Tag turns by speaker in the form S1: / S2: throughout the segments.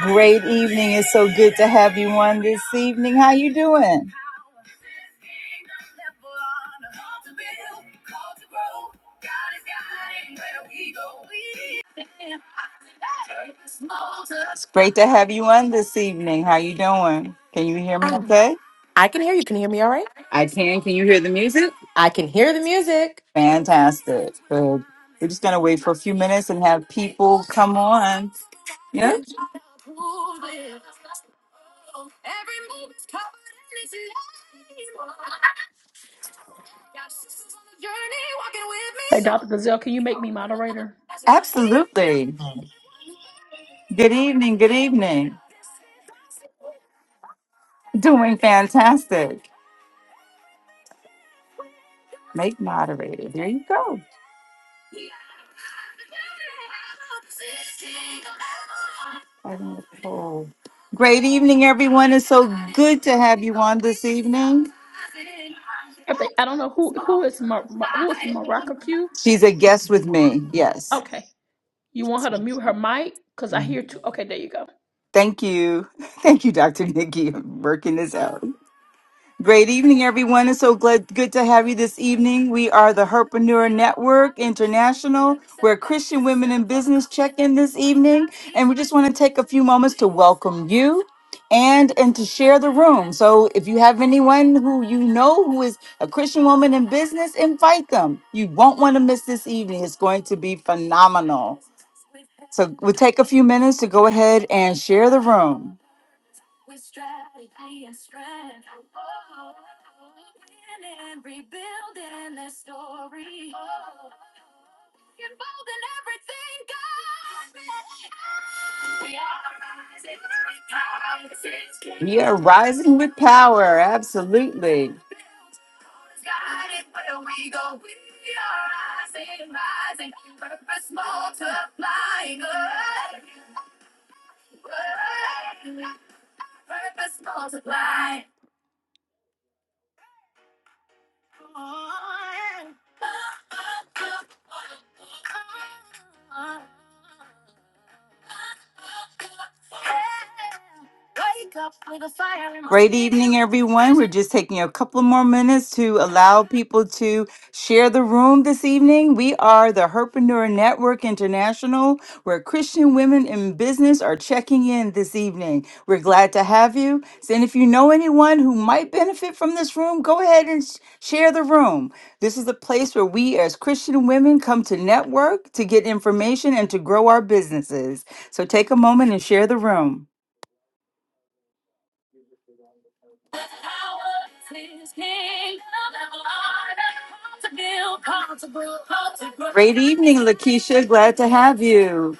S1: Great evening. It's so good to have you on this evening. How you doing? It's great to have you on this evening. How you doing? Can you hear me
S2: Ah,
S1: okay?
S2: I can hear you. Can you hear me all right?
S1: I can. Can you hear the music?
S2: I can hear the music.
S1: Fantastic. Good. We're just gonna wait for a few minutes and have people come on.
S2: Okay.
S1: Yeah,
S3: Hey, Dr. Gazelle, can you make me moderator?
S1: absolutely. Good evening. Good evening. Doing fantastic. Make moderator. There you go. Right on Great evening, everyone. It's so good to have you on this evening.
S3: I think I don't know who who is Mar, Mar- who is Maraca Q.
S1: She's a guest with me. Yes.
S3: Okay, you want
S1: Yes.
S3: her to mute her mic because I
S1: Mm-hmm.
S3: hear two. Okay, there you go.
S1: Thank you. Thank you, Dr. Nikki, for working this out. Great evening, everyone. It's so glad, good to have you this evening. We are the Herpreneur Network International. We're Christian Women in Business check in this evening. And we just want to take a few moments to welcome you and and to share the room. So if you have anyone who you know who is a Christian woman in business, invite them. You won't want to miss this evening. It's going to be phenomenal. So we'll take a few minutes to go ahead and share the room. We are rising with power. Absolutely. Great evening, everyone. We're just taking a couple more minutes to allow people to share the room this evening. We are the Herpreneur Network. Network International, where Christian women in business are checking in this evening. We're glad to have you. So, and if you know anyone who might benefit from this room, go ahead and sh- share the room. This is a place where we, as Christian women, come to network, to get information, and to grow our businesses. So, take a moment and share the room. Great evening, Lakeisha. Glad to have you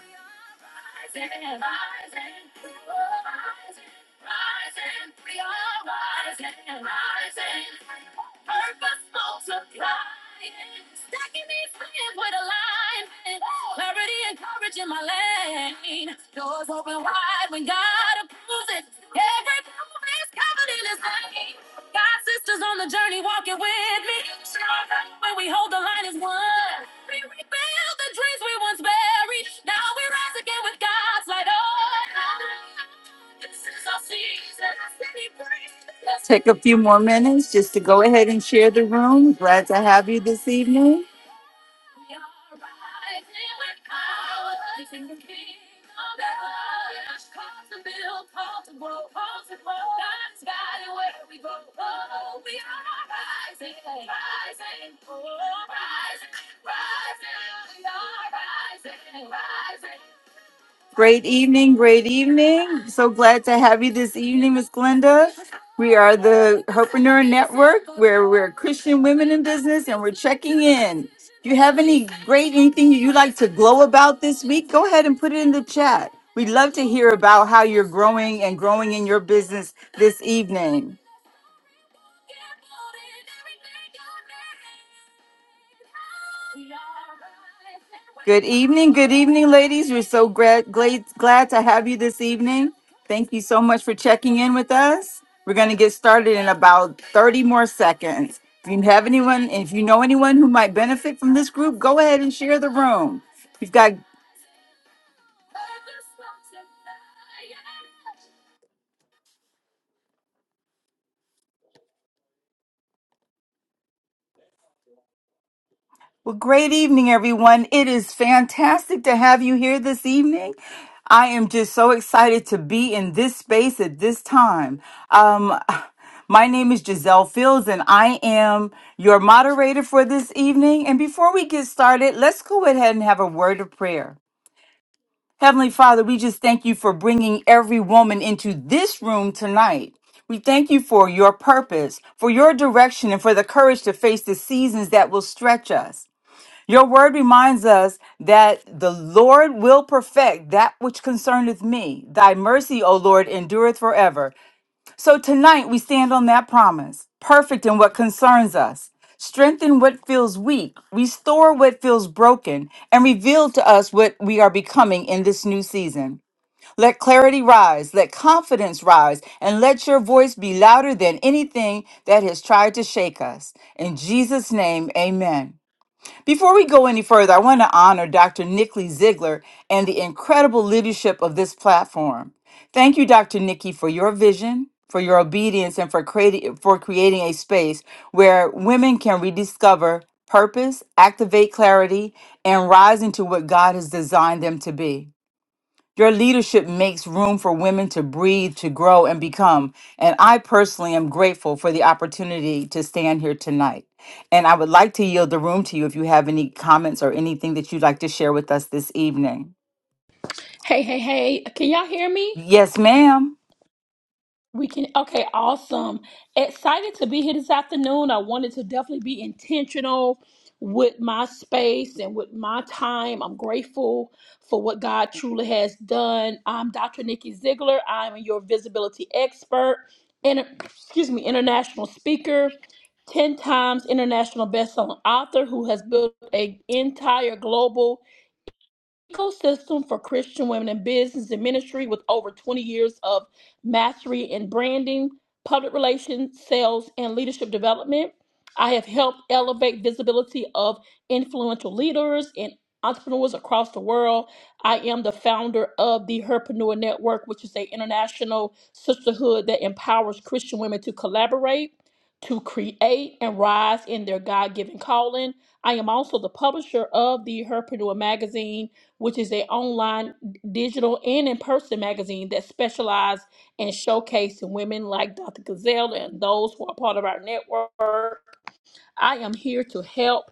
S1: tomb God's Where is Take a few more minutes just to go ahead and share the room. Glad to have you this evening. Great evening, great evening. So glad to have you this evening, Miss Glenda. We are the Herpreneur Network, where we're Christian women in business, and we're checking in. If you have any great anything you like to glow about this week, go ahead and put it in the chat. We'd love to hear about how you're growing and growing in your business this evening. Good evening, good evening, ladies. We're so glad, glad, glad to have you this evening. Thank you so much for checking in with us. We're going to get started in about 30 more seconds. If you have anyone, if you know anyone who might benefit from this group, go ahead and share the room. We've got Well, great evening, everyone. It is fantastic to have you here this evening. I am just so excited to be in this space at this time. Um, my name is Giselle Fields, and I am your moderator for this evening. And before we get started, let's go ahead and have a word of prayer. Heavenly Father, we just thank you for bringing every woman into this room tonight. We thank you for your purpose, for your direction, and for the courage to face the seasons that will stretch us. Your word reminds us that the Lord will perfect that which concerneth me. Thy mercy, O Lord, endureth forever. So tonight we stand on that promise, perfect in what concerns us. Strengthen what feels weak, restore what feels broken, and reveal to us what we are becoming in this new season. Let clarity rise, let confidence rise, and let your voice be louder than anything that has tried to shake us. In Jesus' name, amen. Before we go any further, I want to honor Dr. Nikki Ziegler and the incredible leadership of this platform. Thank you, Dr. Nikki, for your vision, for your obedience, and for creating for creating a space where women can rediscover purpose, activate clarity, and rise into what God has designed them to be. Your leadership makes room for women to breathe, to grow, and become. And I personally am grateful for the opportunity to stand here tonight. And I would like to yield the room to you if you have any comments or anything that you'd like to share with us this evening.
S3: Hey, hey, hey, can y'all hear me?
S1: Yes, ma'am.
S3: We can, okay, awesome. Excited to be here this afternoon. I wanted to definitely be intentional with my space and with my time. I'm grateful for what God truly has done. I'm Dr. Nikki Ziegler. I'm your visibility expert and, excuse me, international speaker, 10 times international best-selling author who has built an entire global ecosystem for Christian women in business and ministry with over 20 years of mastery in branding, public relations, sales, and leadership development. I have helped elevate visibility of influential leaders and entrepreneurs across the world. I am the founder of the Herpreneur Network, which is an international sisterhood that empowers Christian women to collaborate, to create, and rise in their God given calling. I am also the publisher of the Herpreneur Magazine which is an online, digital, and in-person magazine that specializes in showcasing women like Dr. Gazelle and those who are part of our network I am here to help,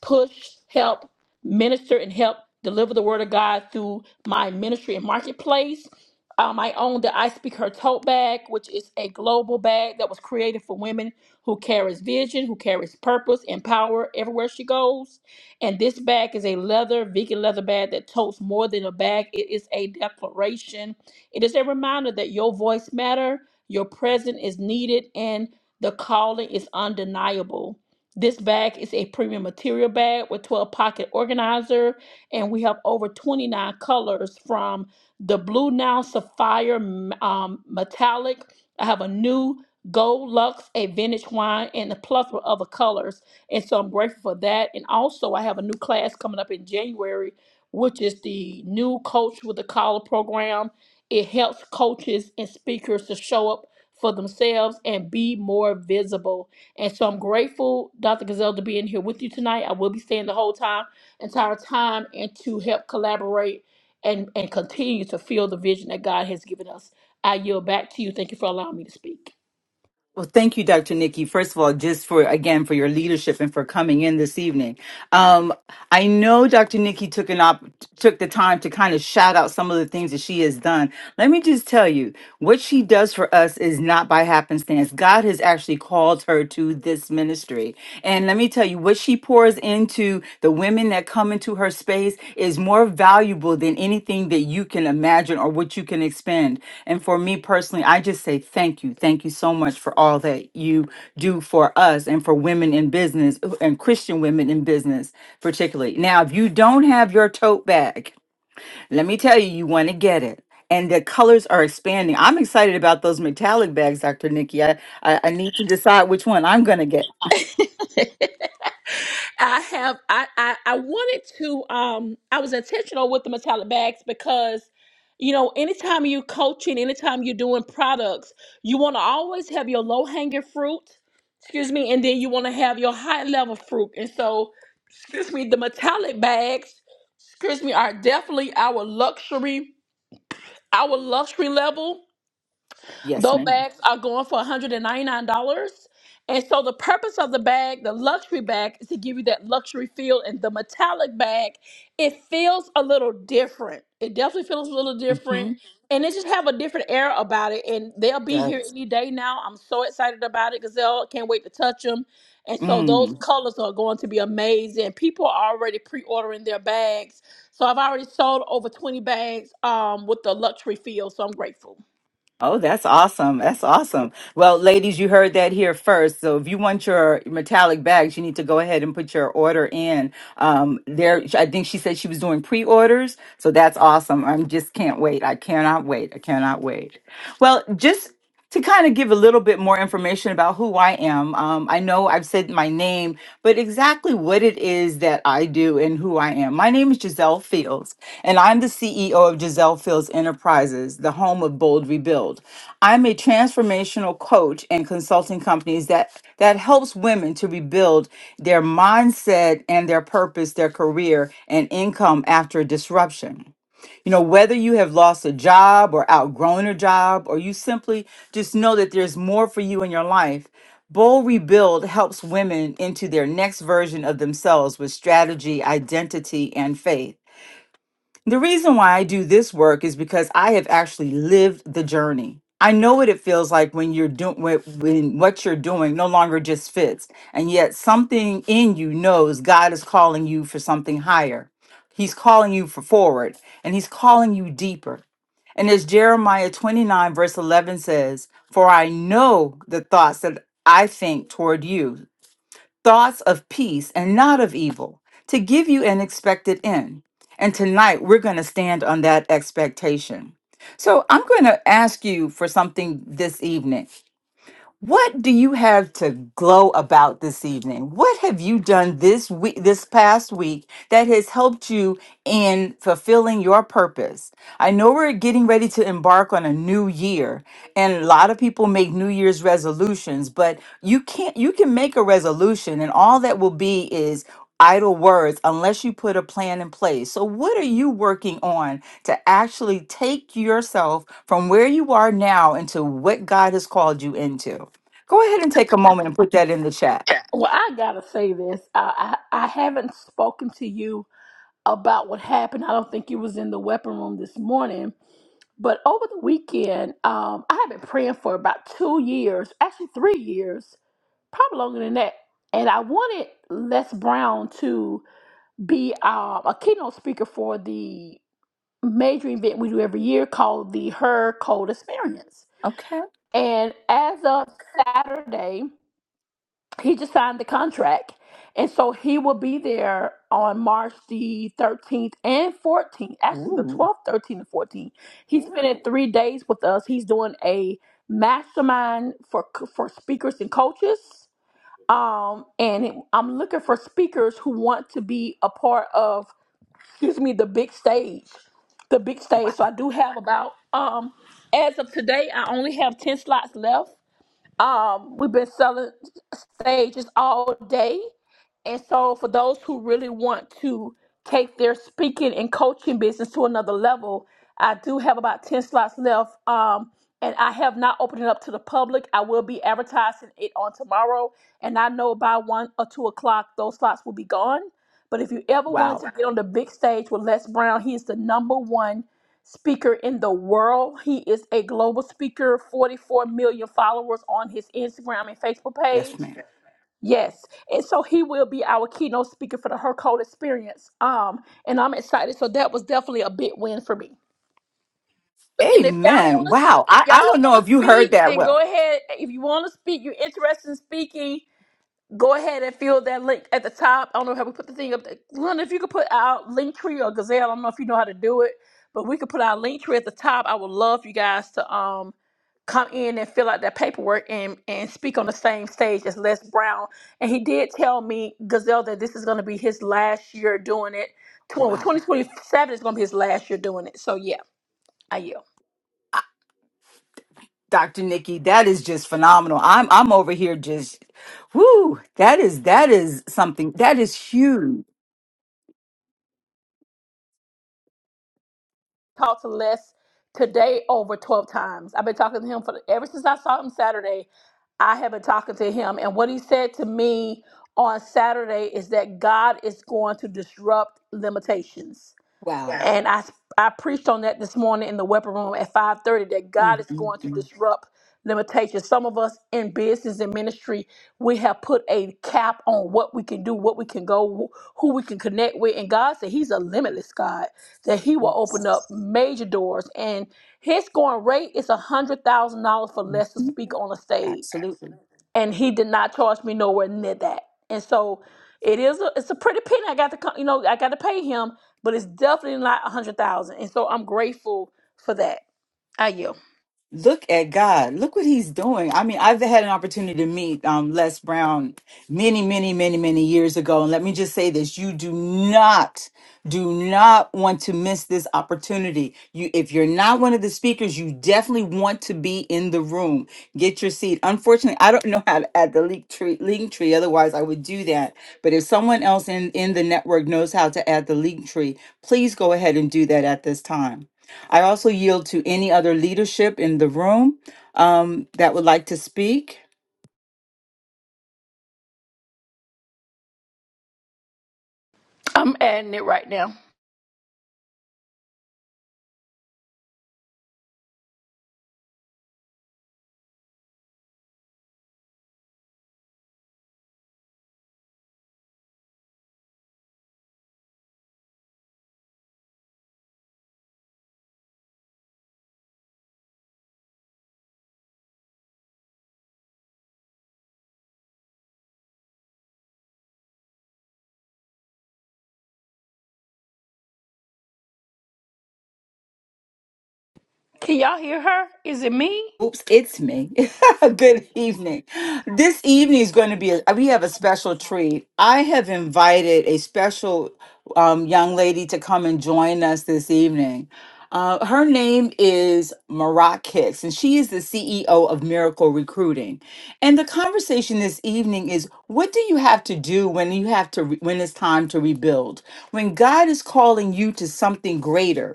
S3: push, help, minister, and help deliver the word of God through my ministry and marketplace. Um, I own the I Speak Her tote bag, which is a global bag that was created for women who carries vision, who carries purpose and power everywhere she goes. And this bag is a leather, vegan leather bag that totes more than a bag. It is a declaration. It is a reminder that your voice matters, your presence is needed, and the calling is undeniable. This bag is a premium material bag with 12 pocket organizer, and we have over 29 colors from the blue now sapphire um, metallic. I have a new gold luxe, a vintage wine, and a plethora of other colors. And so I'm grateful for that. And also, I have a new class coming up in January, which is the new Coach with a Collar program. It helps coaches and speakers to show up for themselves and be more visible. And so I'm grateful, Dr. Gazelle, to be in here with you tonight. I will be staying the whole time, entire time, and to help collaborate and, and continue to feel the vision that God has given us. I yield back to you. Thank you for allowing me to speak.
S1: Well, thank you, Dr. Nikki. First of all, just for again for your leadership and for coming in this evening. Um, I know Dr. Nikki took an op took the time to kind of shout out some of the things that she has done. Let me just tell you, what she does for us is not by happenstance. God has actually called her to this ministry, and let me tell you what she she pours into the women that come into her space is more valuable than anything that you can imagine or what you can expend. And for me personally, I just say thank you. Thank you so much for all that you do for us and for women in business uh, and Christian women in business, particularly. Now, if you don't have your tote bag, let me tell you, you want to get it. And the colors are expanding. I'm excited about those metallic bags, Dr. Nikki. I, I, I need to decide which one I'm going to get.
S3: I have I, I I wanted to um I was intentional with the metallic bags because you know anytime you coaching, anytime you're doing products, you want to always have your low hanging fruit, excuse me, and then you want to have your high level fruit. And so, excuse me, the metallic bags, excuse me, are definitely our luxury, our luxury level
S1: Yes,
S3: those
S1: madam
S3: bags are going for $199. And ninety-nine dollars. And so the purpose of the bag, the luxury bag, is to give you that luxury feel. And the metallic bag, it feels a little different. It definitely feels a little different.
S1: Mm-hmm.
S3: And it just have a different air about it. And they'll be here any day now. I'm so excited about it, Gazelle. Can't wait to touch them. And so those
S1: Mm.
S3: colors are going to be amazing. People are already pre-ordering their bags. So I've already sold over 20 bags um, with the luxury feel. So I'm grateful.
S1: Oh, that's awesome. That's awesome. Well, ladies, you heard that here first. So if you want your metallic bags, you need to go ahead and put your order in. Um, there, I think she said she was doing pre-orders. So that's awesome. I just can't wait. I cannot wait. I cannot wait. Well, just to kind of give a little bit more information about who I am. Um, I know I've said my name, but exactly what it is that I do and who I am. My name is Giselle Fields, and I'm the CEO of Giselle Fields Enterprises, the home of Bold Rebuild. I'm a transformational coach and consulting companies that that helps women to rebuild their mindset and their purpose, their career and income after disruption. You know, whether you have lost a job or outgrown a job, or you simply just know that there's more for you in your life, Bold Rebuild helps women into their next version of themselves with strategy, identity, and faith. The reason why I do this work is because I have actually lived the journey. I know what it feels like when you're doing when when what you're doing no longer just fits, and yet something in you knows God is calling you for something higher. He's calling you for forward, and He's calling you deeper. And as Jeremiah 29, verse 11 says, For I know the thoughts that I think toward you, thoughts of peace and not of evil, to give you an expected end. And tonight we're going to stand on that expectation. So I'm going to ask you for something this evening. What do you have to glow about this evening? What have you done this week, this past week, that has helped you in fulfilling your purpose? I know we're getting ready to embark on a new year, and a lot of people make New Year's resolutions, but you can't, you can make a resolution, and all that will be is idle words unless you put a plan in place. So, what are you working on to actually take yourself from where you are now into what God has called you into? Go ahead and take a moment and put that in the chat.
S3: Well, I gotta say this. I, I I haven't spoken to you about what happened. I don't think you was in the weapon room this morning, but over the weekend, um, I have been praying for about two years, actually three years, probably longer than that. And I wanted Les Brown to be um, a keynote speaker for the major event we do every year called the Her Cold Experience.
S1: Okay.
S3: And as of Saturday, he just signed the contract. And so he will be there on March the 13th and 14th, actually the
S1: Ooh.
S3: 12th, 13th, and 14th. He's spending three days with us. He's doing a mastermind for for speakers and coaches. Um, and it- I'm looking for speakers who want to be a part of, excuse me, the big stage, the big stage. So I do have about, um, as of today, I only have 10 slots left um, we've been selling stages all day. And so, for those who really want to take their speaking and coaching business to another level, I do have about 10 slots left. Um, and I have not opened it up to the public. I will be advertising it on tomorrow. And I know by one or two o'clock, those slots will be gone. But if you ever wanted
S1: Wow.
S3: to get on the big stage with Les Brown, he is the number one speaker in the world. He is a global speaker, 44 million followers on his Instagram and Facebook
S1: Yes,
S3: page.
S1: ma'am.
S3: Yes. And so he will be our keynote speaker for the Her Code experience. Um, and I'm excited. So that was definitely a big win for me. And if y'all
S1: Amen.
S3: want to,
S1: Wow.
S3: if
S1: I, I
S3: y'all
S1: don't know
S3: want to
S1: if you heard
S3: speak,
S1: that
S3: then go
S1: well.
S3: ahead. If you want to speak, you're interested in speaking. Go ahead and fill that link at the top. I don't know how we put the thing up. There. Linda, if you could put out Linktree or Gazelle, I don't know if you know how to do it, but we could put our Linktree at the top. I would love for you guys to um come in and fill out that paperwork and and speak on the same stage as Les Brown. And he did tell me, Gazelle, that this is going to be his last year doing it. Tw- well,
S1: Wow.
S3: 2027 is going to be his last year doing it. So yeah, I yield.
S1: Dr. Nikki, that is just phenomenal. I'm I'm over here just whoo, that is that is something that is huge.
S3: talked to Les today over 12 times. I've been talking to him for ever since I saw him Saturday. I have been talking to him. And what he said to me on Saturday is that God is going to disrupt limitations. Wow.
S1: Wow.
S3: And I I preached on that this morning in the weapon room at 5:30 that God
S1: Mm,
S3: is
S1: mm,
S3: going to
S1: mm.
S3: disrupt limitations. Some of us in business and ministry, we have put a cap on what we can do, what we can go, who we can connect with. And God said He's a limitless God that he will open
S1: Yes.
S3: up major doors. And his going rate is a hundred thousand dollars for Les to
S1: Mhm.
S3: speak on a stage,
S1: Absolutely.
S3: and he did not charge me nowhere near that. And so it is a it's a pretty penny I got to co- you know I got to pay him, but it's definitely not a hundred thousand. And so I'm grateful for that. I yield.
S1: look at God. Look what he's doing. I mean, I've had an opportunity to meet um, Les Brown many, many, many, many years ago. And let me just say this you do not, do not want to miss this opportunity. You, if you're not one of the speakers, you definitely want to be in the room. Get your seat. Unfortunately, I don't know how to add the link tree, link tree. Otherwise, I would do that. But if someone else in, in the network knows how to add the link tree, please go ahead and do that at this time. I also yield to any other leadership in the room um, that would like to speak.
S3: I'm adding it right now. Can y'all hear her? Is it me?
S1: Oops, it's me. Good evening. This evening is going to be a, we have a special treat. I have invited a special um, young lady to come and join us this evening. Uh, her name is Marat Hicks, and she is the CEO of Miracle Recruiting. And the conversation this evening is: What do you have to do when you have to re- when it's time to rebuild? When God is calling you to something greater?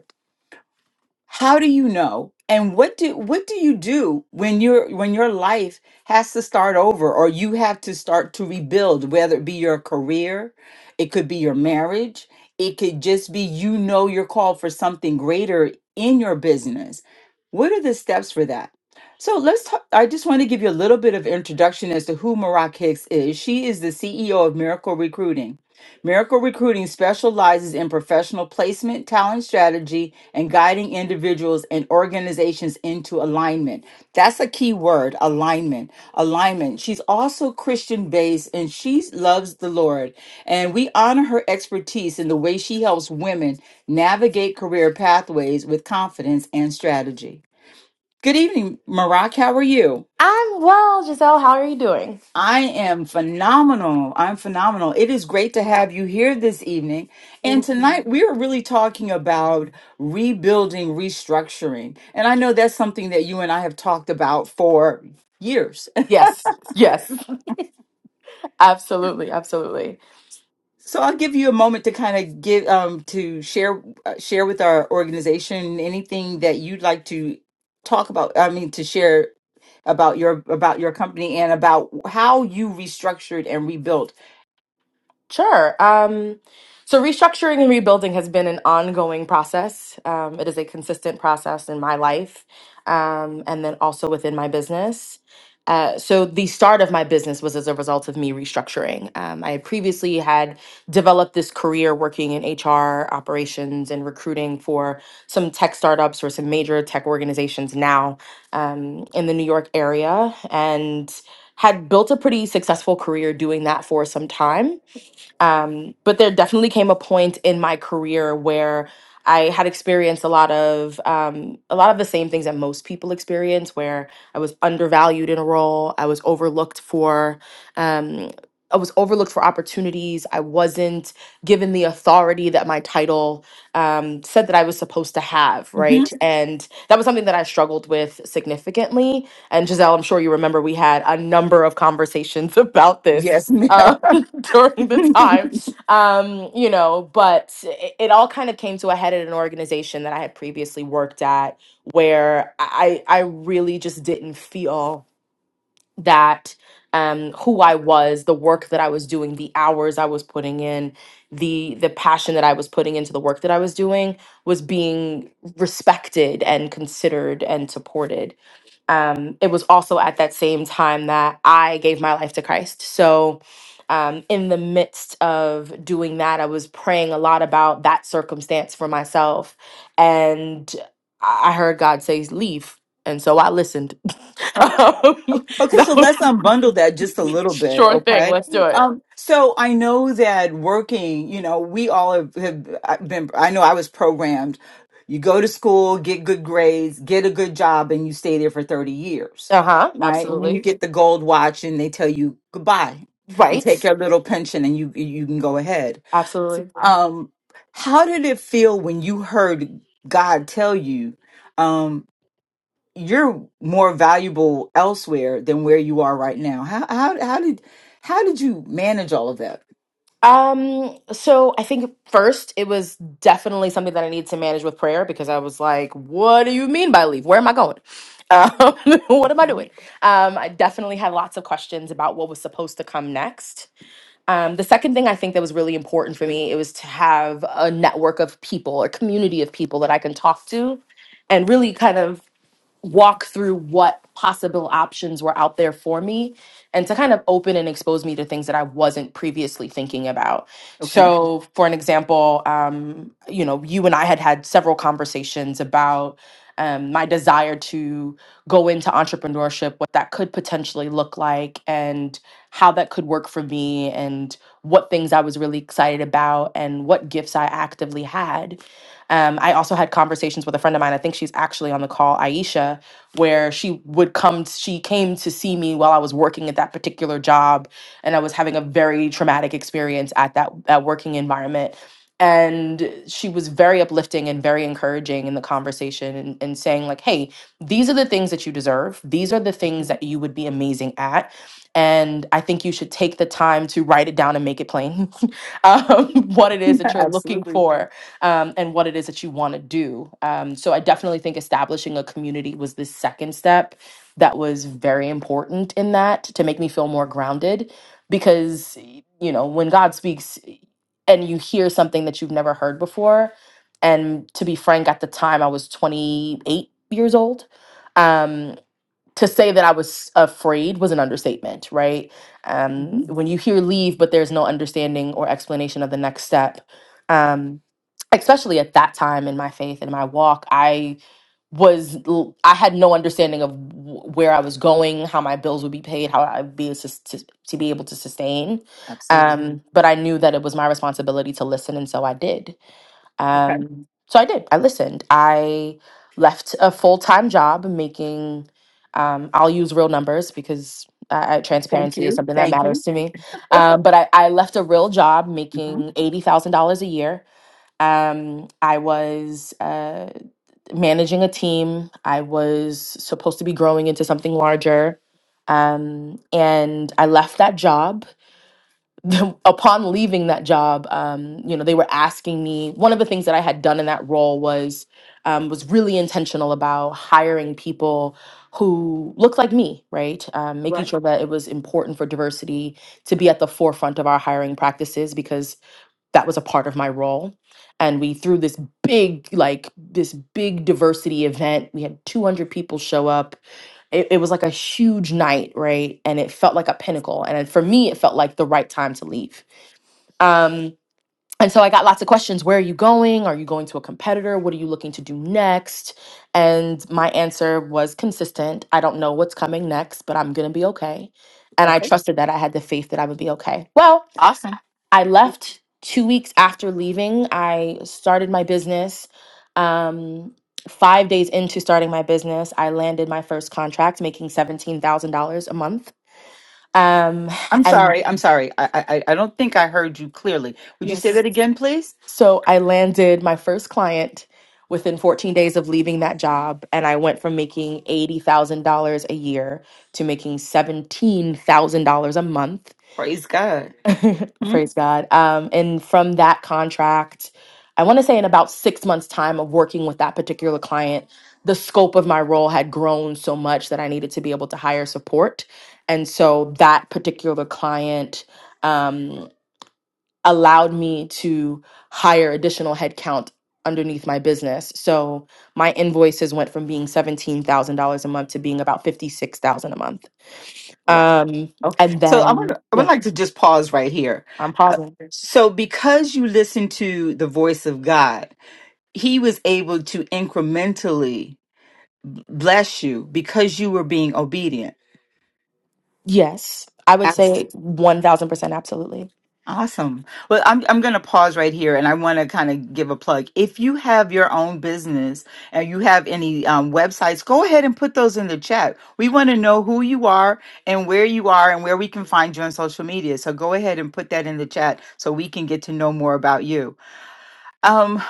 S1: how do you know and what do what do you do when your when your life has to start over or you have to start to rebuild whether it be your career it could be your marriage it could just be you know you're called for something greater in your business what are the steps for that so let's talk i just want to give you a little bit of introduction as to who Marak hicks is she is the ceo of miracle recruiting Miracle Recruiting specializes in professional placement, talent strategy, and guiding individuals and organizations into alignment. That's a key word alignment. Alignment. She's also Christian based and she loves the Lord. And we honor her expertise in the way she helps women navigate career pathways with confidence and strategy. Good evening, Marak. How are you?
S2: I'm well, Giselle. How are you doing?
S1: I am phenomenal. I'm phenomenal. It is great to have you here this evening. And
S2: Thank you.
S1: tonight we are really talking about rebuilding, restructuring. And I know that's something that you and I have talked about for years.
S2: Yes, yes, absolutely, absolutely.
S1: So I'll give you a moment to kind of give um to share uh, share with our organization anything that you'd like to talk about, I mean to share about your about your company and about how you restructured and rebuilt.
S2: Sure. Um, so restructuring and rebuilding has been an ongoing process. Um, it is a consistent process in my life, um, and then also within my business. Uh, so the start of my business was as a result of me restructuring. Um, I had previously had developed this career working in HR operations and recruiting for some tech startups or some major tech organizations now um, in the New York area, and had built a pretty successful career doing that for some time um, but there definitely came a point in my career where I had experienced a lot of um, a lot of the same things that most people experience, where I was undervalued in a role, I was overlooked for. Um, I was overlooked for opportunities. I wasn't given the authority that my title um, said that I was supposed to have,
S1: Mhm.
S2: right? And that was something that I struggled with significantly. And Giselle, I'm sure you remember we had a number of conversations about this.
S1: Yes,
S2: uh,
S1: ma'am.
S2: during the time. Um, you know, but it, it all kind of came to a head at an organization that I had previously worked at where I I really just didn't feel that um who I was, the work that I was doing, the hours I was putting in, the the passion that I was putting into the work that I was doing was being respected and considered and supported um, it was also at that same time that I gave my life to Christ. So, um, in the midst of doing that, I was praying a lot about that circumstance for myself. And I I heard God say, Leave. And so I listened. um,
S1: Okay,
S2: that
S1: so let's
S2: was
S1: unbundle that just a little bit,
S2: sure thing.
S1: okay?
S2: Let's do it.
S1: Um, so I know that working, you know, we all have, have uh, been, I know I was programmed. You go to school, get good grades, get a good job, and you stay there for 30 years,
S2: Uh huh.
S1: right? And then you
S2: Absolutely.
S1: get the gold watch and they tell you goodbye and take
S2: Right.
S1: your little pension and you you can go ahead.
S2: Absolutely.
S1: Um, how did it feel when you heard God tell you? um, you're more valuable elsewhere than where you are right now. How how how did how did you manage all of that?
S2: Um, so I think first it was definitely something that I needed to manage with prayer because I was like, what do you mean by leave? Where am I going? Um, what am I
S1: Mhm.
S2: doing? Um, I definitely had lots of questions about what was supposed to come next. Um, the second thing I think that was really important for me, it was to have a network of people, a community of people that I can talk to and really kind of walk through what possible options were out there for me and to kind of open and expose me to things that I wasn't previously thinking about.
S1: Okay.
S2: So, for an example, um, you know, you and I had had several conversations about um, my desire to go into entrepreneurship, what that could potentially look like, and how that could work for me, and what things I was really excited about, and what gifts I actively had. Um, I also had conversations with a friend of mine. I think she's actually on the call, Aisha, where she would come. she came to see me while I was working at that particular job, and I was having a very traumatic experience at that that working environment. And she was very uplifting and very encouraging in the conversation and, and saying, like, hey, these are the things that you deserve. These are the things
S1: Mhm.
S2: that you would be amazing at. And I think you should take the time to write it down and make it plain um, what it is that you're looking
S1: Absolutely.
S2: for um, and what it is that you want to do. Um, so I definitely think establishing a community was the second step that was very important in that to make me feel more grounded because, you know, when God speaks and you hear something that you've never heard before, and to be frank, at the time I was 28 years old. Um, to say that I was afraid was an understatement, right?
S1: hmm
S2: Um, when you hear leave, but there's no understanding or explanation of the next step, um, especially at that time in my faith and my walk, I was l- I had no understanding of wh- where I was going, how my bills would be paid, how I'd be sus- to, to be able to sustain.
S1: Absolutely.
S2: Um, but I knew that it was my responsibility to listen, and so I did.
S1: Okay.
S2: Um, so I did. I listened. I left a full time job making. Um, I'll use real numbers because uh, uh,
S1: Thank
S2: transparency is
S1: you.
S2: something that
S1: Thank
S2: matters
S1: you.
S2: to me. Um, but I, I left a real job
S1: hmm
S2: making eighty thousand dollars a year. Um, I was uh, managing a team. I was supposed to be growing into something larger. Um, and I left that job the, upon leaving that job, um, you know, they were asking me. One of the things that I had done in that role was um, was really intentional about hiring people who looked like me, right? Um, making
S1: Right.
S2: sure that it was important for diversity to be at the forefront of our hiring practices because that was a part of my role and we threw this big like this big diversity event we had 200 people show up it, it was like a huge night right and it felt like a pinnacle and it- for me it felt like the right time to leave um and so i got lots of questions where are you going are you going to a competitor what are you looking to do next and my answer was consistent i don't know what's coming next but i'm gonna be okay and i
S1: Okay.
S2: trusted that i had the faith that i would be okay well
S1: Awesome.
S2: I left two weeks after leaving. I started my business. Um, five days into starting my business, I landed my first contract, making seventeen thousand dollars a month. Um,
S1: I'm
S2: and
S1: sorry. I'm sorry. I, I I don't think I heard you clearly. Would you say
S2: yes,
S1: that again, please?
S2: so I landed my first client within 14 days of leaving that job, and I went from making eighty thousand dollars a year to making seventeen thousand dollars a month
S1: Praise God. Hmm?
S2: Praise God. Um, and from that contract, I want to say in about six months' time of working with that particular client, the scope of my role had grown so much that I needed to be able to hire support. And so that particular client um, allowed me to hire additional headcount underneath my business. So my invoices went from being $17,000 a month to being about 56000 a month.
S1: Wow.
S2: Um,
S1: Okay.
S2: and
S1: So I want
S2: then,
S1: I would
S2: yeah,
S1: like to just pause right here.
S2: I'm
S1: Uh,
S2: pausing.
S1: so because you listened to the voice of God, He was able to incrementally bless you because you were being obedient.
S2: Yes, I would say 1000% absolutely.
S1: Awesome. Well, I'm I'm going to pause right here, and I want to kind of give a plug. If you have your own business and you have any um, websites, go ahead and put those in the chat. We want to know who you are and where you are and where we can find you on social media. So go ahead and put that in the chat so we can get to know more about you. Um,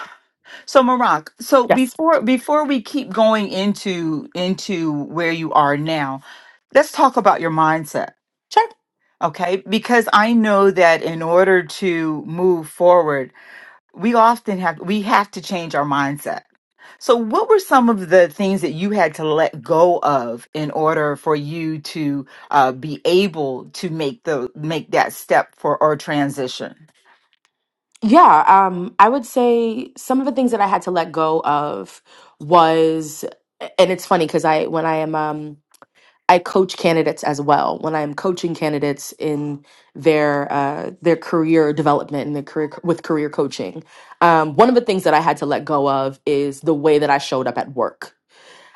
S1: so Marak, so
S2: Yes.
S1: before before we keep going into into where you are now, let's talk about your mindset
S2: Sure.
S1: Okay, because I know that in order to move forward, we often have we have to change our mindset. So what were some of the things that you had to let go of in order for you to uh, be able to make the make that step for or transition?
S2: Yeah, um I would say some of the things that I had to let go of was and it's funny cuz I when I am um I coach candidates as well. When I am coaching candidates in their uh their career development and their career with career coaching, um one of the things that I had to let go of is the way that I showed up at work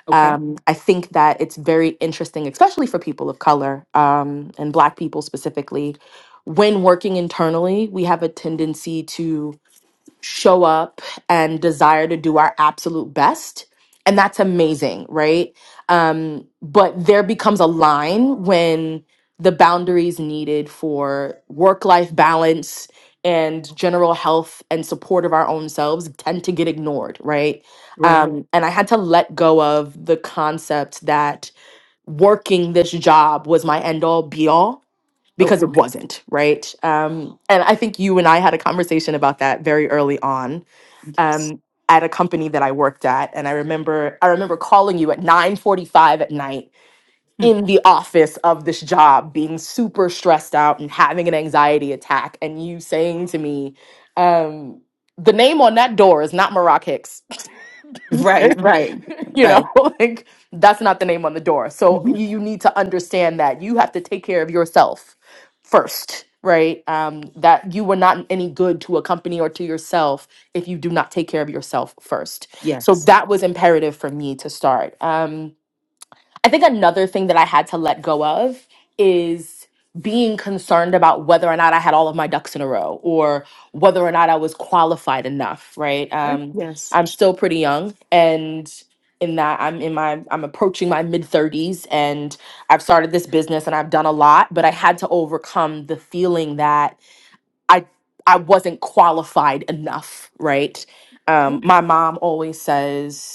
S1: Okay.
S2: Um, I think that it's very interesting, especially for people of color um, and Black people specifically. When working internally, we have a tendency to show up and desire to do our absolute best. And that's amazing, right? Um, but there becomes a line when the boundaries needed for work life balance and general health and support of our own selves tend to get ignored, right? Um, and I had to let go of the concept that working this job was my end all be all because it wasn't, right? Um, and I think you and I had a conversation about that very early on um, at a company that I worked at, and I remember I remember calling you at 9:45 at night in the office of this job, being super stressed out and having an anxiety attack, and you saying to me, um, "The name on that door is not Maroc Hicks." you know, like that's not the name on the door. So you, you need to understand that you have to take care of yourself first, right? Um, that you were not any good to a company or to yourself if you do not take care of yourself first. So that was imperative for me to start. Um, I think another thing that I had to let go of is being concerned about whether or not I had all of my ducks in a row or whether or not I was qualified enough, right? Um, I'm still pretty young and in that I'm in my I'm approaching my mid 30s and I've started this business and I've done a lot, but I had to overcome the feeling that I I wasn't qualified enough, right?
S1: Okay.
S2: Um, my mom always says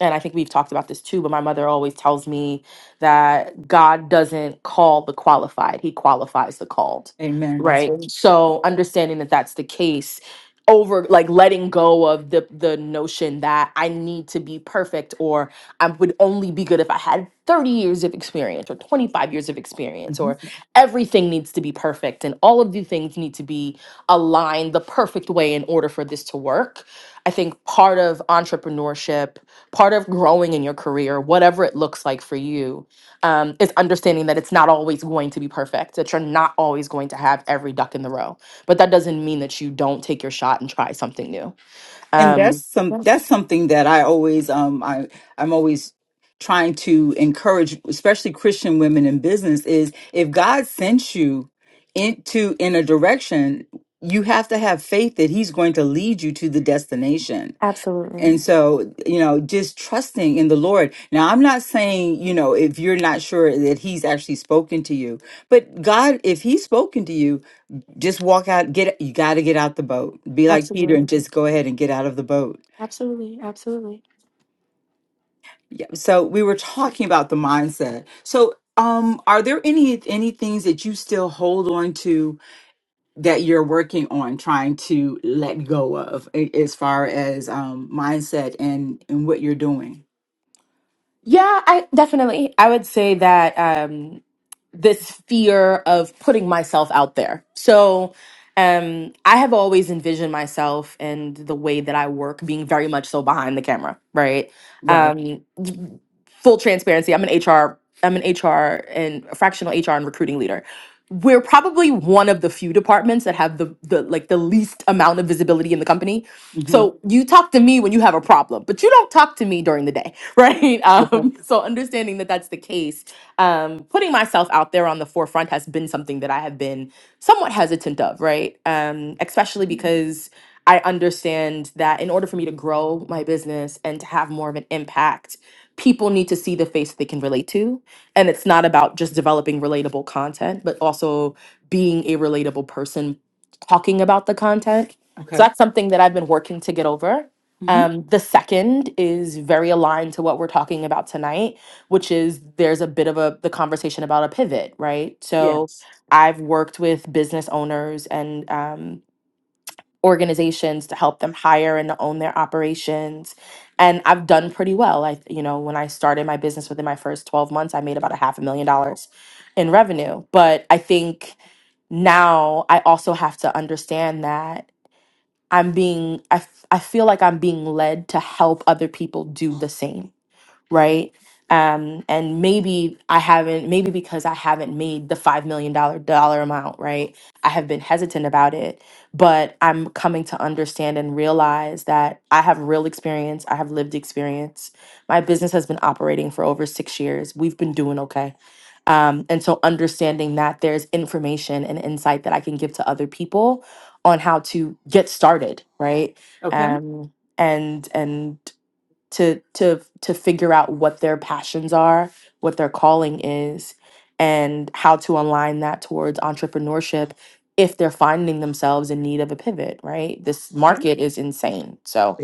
S2: and I think we've talked about this too, but my mother always tells me that God doesn't call the qualified, He qualifies the called, right? So understanding that that's the case over like letting go of the the notion that I need to be perfect or I would only be good if I had 30 years of experience or 25 years of experience or everything needs to be perfect and all of the things need to be aligned the perfect way in order for this to work. I think part of entrepreneurship part of growing in your career, whatever it looks like for you, um, is understanding that it's not always going to be perfect, that you're not always going to have every duck in the row. But that doesn't mean that you don't take your shot and try something new.
S1: and that's
S2: Um,
S1: some
S2: yeah.
S1: that's something that I always um I I'm always trying to encourage especially Christian women in business is if God sent you into in a direction you have to have faith that he's going to lead you to the destination.
S2: Absolutely.
S1: And so, you know, just trusting in the Lord. Now, I'm not saying, you know, if you're not sure that he's actually spoken to you, but God, if he's spoken to you, just walk out, get, you got to get out the boat. Be like Peter
S2: Absolutely.
S1: and just go ahead and get out of the boat
S2: Absolutely. Absolutely.
S1: Yeah, so we were talking about the mindset. So, um, are there any any things that you still hold on to that you're working on trying to let go of a- as far as um mindset and and what you're doing?
S2: Yeah, I definitely. I would say that um, this fear of putting myself out there. So, um, I have always envisioned myself and the way that I work being very much so behind the camera, right? Um, full transparency, I'm an HR, I'm an HR and a fractional HR and recruiting leader. We're probably one of the few departments that have the the like the least amount of visibility in the company. So you talk to me when you have a problem, but you don't talk to me during the day, right? Um, so understanding that that's the case, um, putting myself out there on the forefront has been something that I have been somewhat hesitant of, right? Um, especially because I understand that in order for me to grow my business and to have more of an impact people need to see the face they can relate to. And it's not about just developing relatable content, but also being a relatable person talking about the content. So that's something that I've been working to get over.
S1: hmm
S2: Um, the second is very aligned to what we're talking about tonight, which is there's a bit of a the conversation about a pivot, right? So I've worked with business owners and um, organizations to help them hire and to own their operations and i've done pretty well i you know when i started my business within my first 12 months i made about a half a million dollars in revenue but i think now i also have to understand that i'm being I f- I feel like i'm being led to help other people do the same right? Um, and maybe I haven't, maybe because I haven't made the $5 million dollar dollar amount, right? I have been hesitant about it, but I'm coming to understand and realize that I have real experience. I have lived experience. My business has been operating for over six years. We've been doing okay. Um, and so understanding that there's information and insight that I can give to other people on how to get started, right? Um, and and to to to figure out what their passions are, what their calling is, and how to align that towards entrepreneurship if they're finding themselves in need of a pivot, right? This market is insane. So,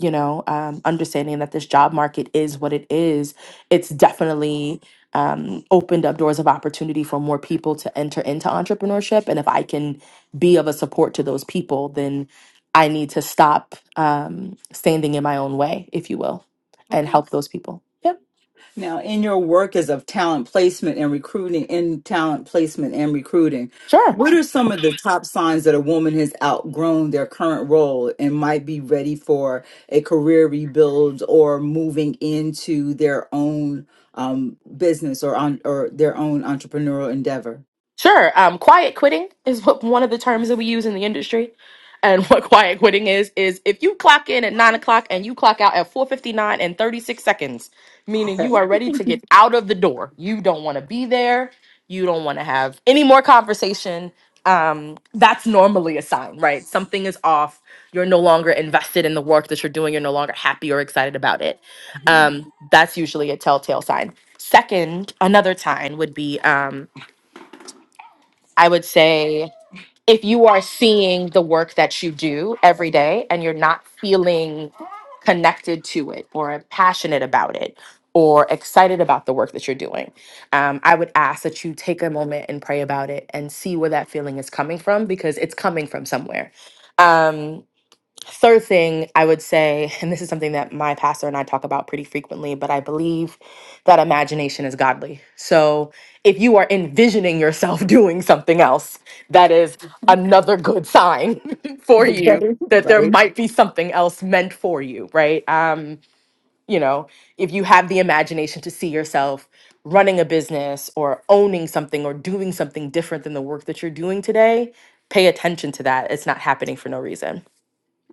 S2: you know um, understanding that this job market is what it is it's definitely um, opened up doors of opportunity for more people to enter into entrepreneurship and if i can be of a support to those people then i need to stop um, standing in my own way if you will and help those people yeah
S1: Now, in your work as of talent placement and recruiting, in talent placement and recruiting,
S2: sure
S1: what are some of the top signs that a woman has outgrown their current role and might be ready for a career rebuild or moving into their own um, business or on or their own entrepreneurial endeavor?
S2: Sure. Um, quiet quitting is what one of the terms that we use in the industry. And what quiet quitting is is if you clock in at nine o'clock and you clock out at four fifty nine and thirty six seconds, meaning you are ready to get out of the door. You don't want to be there. You don't want to have any more conversation. Um, that's normally a sign, right? Something is off. You're no longer invested in the work that you're doing. You're no longer happy or excited about it. Um, that's usually a telltale sign. Second, another sign would be. um. I would say if you are seeing the work that you do every day and you're not feeling connected to it or passionate about it or excited about the work that you're doing, um, I would ask that you take a moment and pray about it and see where that feeling is coming from because it's coming from somewhere. Um, Third thing I would say, and this is something that my pastor and I talk about pretty frequently, but I believe that imagination is godly. So if you are envisioning yourself doing something else, that is another good sign for you that there might be something else meant for you, right? Um, you know, if you have the imagination to see yourself running a business or owning something or doing something different than the work that you're doing today, pay attention to that. It's not happening for no reason.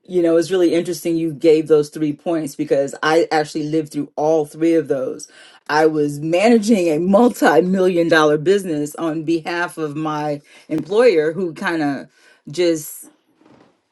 S1: You know, it's really interesting you gave those three points because I actually lived through all three of those. I was managing a multi million dollar business on behalf of my employer who kind of just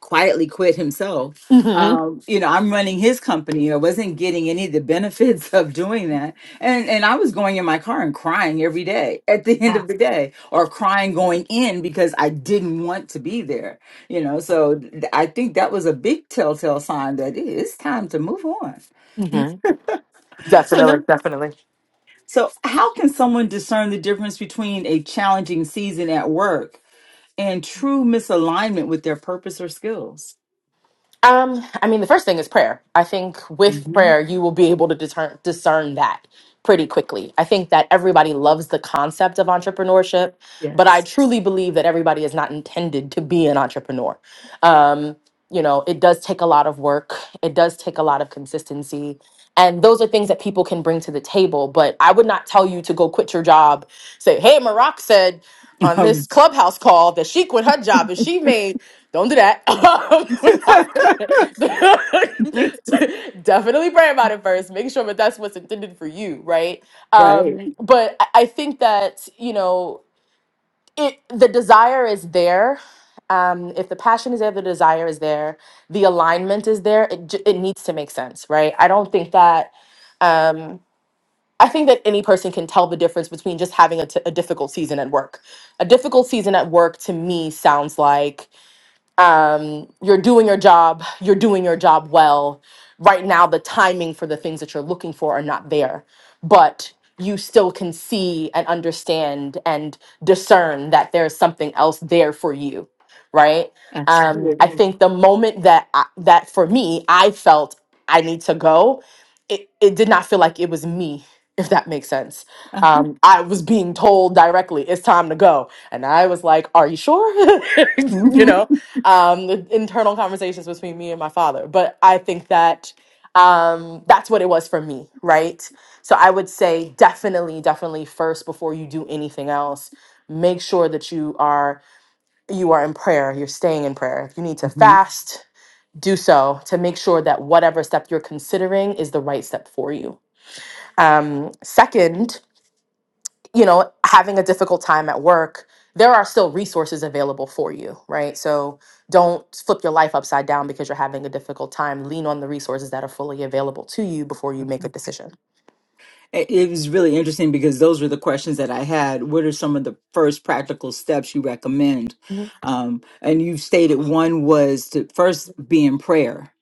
S1: quietly quit himself
S2: Mhm.
S1: you know i'm running his company i wasn't getting any of the benefits of doing that and and i was going in my car and crying every day at the end of the day or crying going in because i didn't want to be there you know so th- i think that was a big telltale sign that it- it's time to move on
S2: hmm
S1: so
S2: Definitely,
S1: no
S2: definitely.
S1: so how can someone discern the difference between a challenging season at work and true misalignment with their purpose or skills
S2: Um, I mean, the first thing is prayer. I think with prayer, you will be able to discern discern that pretty quickly. I think that everybody loves the concept of entrepreneurship, but I truly believe that everybody is not intended to be an entrepreneur. Um, you know, it does take a lot of work. It does take a lot of consistency. And those are things that people can bring to the table. But I would not tell you to go quit your job, say, hey, Maroc said. on this clubhouse call that she quit her job and she made don't do that Not- definitely pray about it first make sure that that's what's intended for you right um but i I think that you know it the desire is there um if the passion is there the desire is there the alignment is there it, j- it needs to make sense right i don't think that um I think that any person can tell the difference between just having a, t- a difficult season at work. A difficult season at work to me sounds like um, you're doing your job, you're doing your job well. Right now, the timing for the things that you're looking for are not there, but you still can see and understand and discern that there's something else there for you, right? Um, I Mm. think the moment that I, that for me, I felt I need to go, it, it did not feel like it was me. If that makes sense, um, I was being told directly, "It's time to go," and I was like, "Are you sure?"
S1: Um,
S2: you know, um, the internal conversations between me and my father. But I think that um, that's what it was for me, right? So I would say definitely, definitely first before you do anything else, make sure that you are you are in prayer. You're staying in prayer. If you need to fast, do so to make sure that whatever step you're considering is the right step for you. Um, second, you know, having a difficult time at work, there are still resources available for you, right? So don't flip your life upside down because you're having a difficult time. Lean on the resources that are fully available to you before you make a decision.
S1: It it was really interesting because those were the questions that I had. What are some of the first practical steps you recommend?
S2: hmm
S1: Um, and you stated one was to first be in prayer,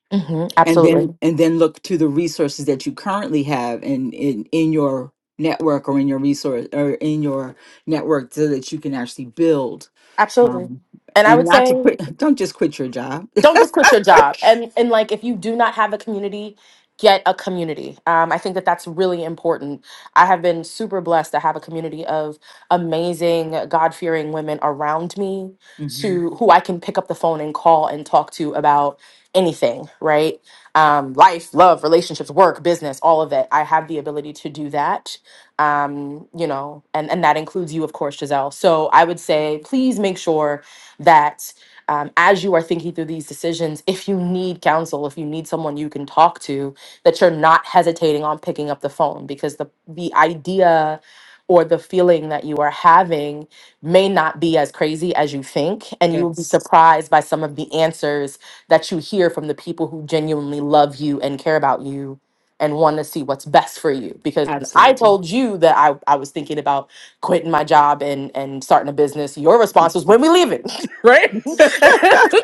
S1: and then
S2: Absolutely.
S1: and then look to the resources that you currently have in in, in your network or in your resource or in your network so that you can actually build.
S2: Absolutely.
S1: Um,
S2: And I
S1: and
S2: would
S1: not to
S2: say,
S1: quit, don't just quit your job.
S2: don't just quit your job and and like if you do not have a community get a community um, i think that that's really important i have been super blessed to have a community of amazing god-fearing women around me
S1: Uh huh.
S2: to who i can pick up the phone and call and talk to about anything right um, life love relationships work business all of it i have the ability to do that um, you know and and that includes you of course giselle so i would say please make sure that um, as you are thinking through these decisions, if you need counsel, if you need someone you can talk to, that you're not hesitating on picking up the phone because the the idea or the feeling that you are having may not be as crazy as you think and you will be surprised by some of the answers that you hear from the people who genuinely love you and care about you and want to see what's best for you because i told you that i, I was thinking about quitting my job and, and starting a business your response was when we leaving right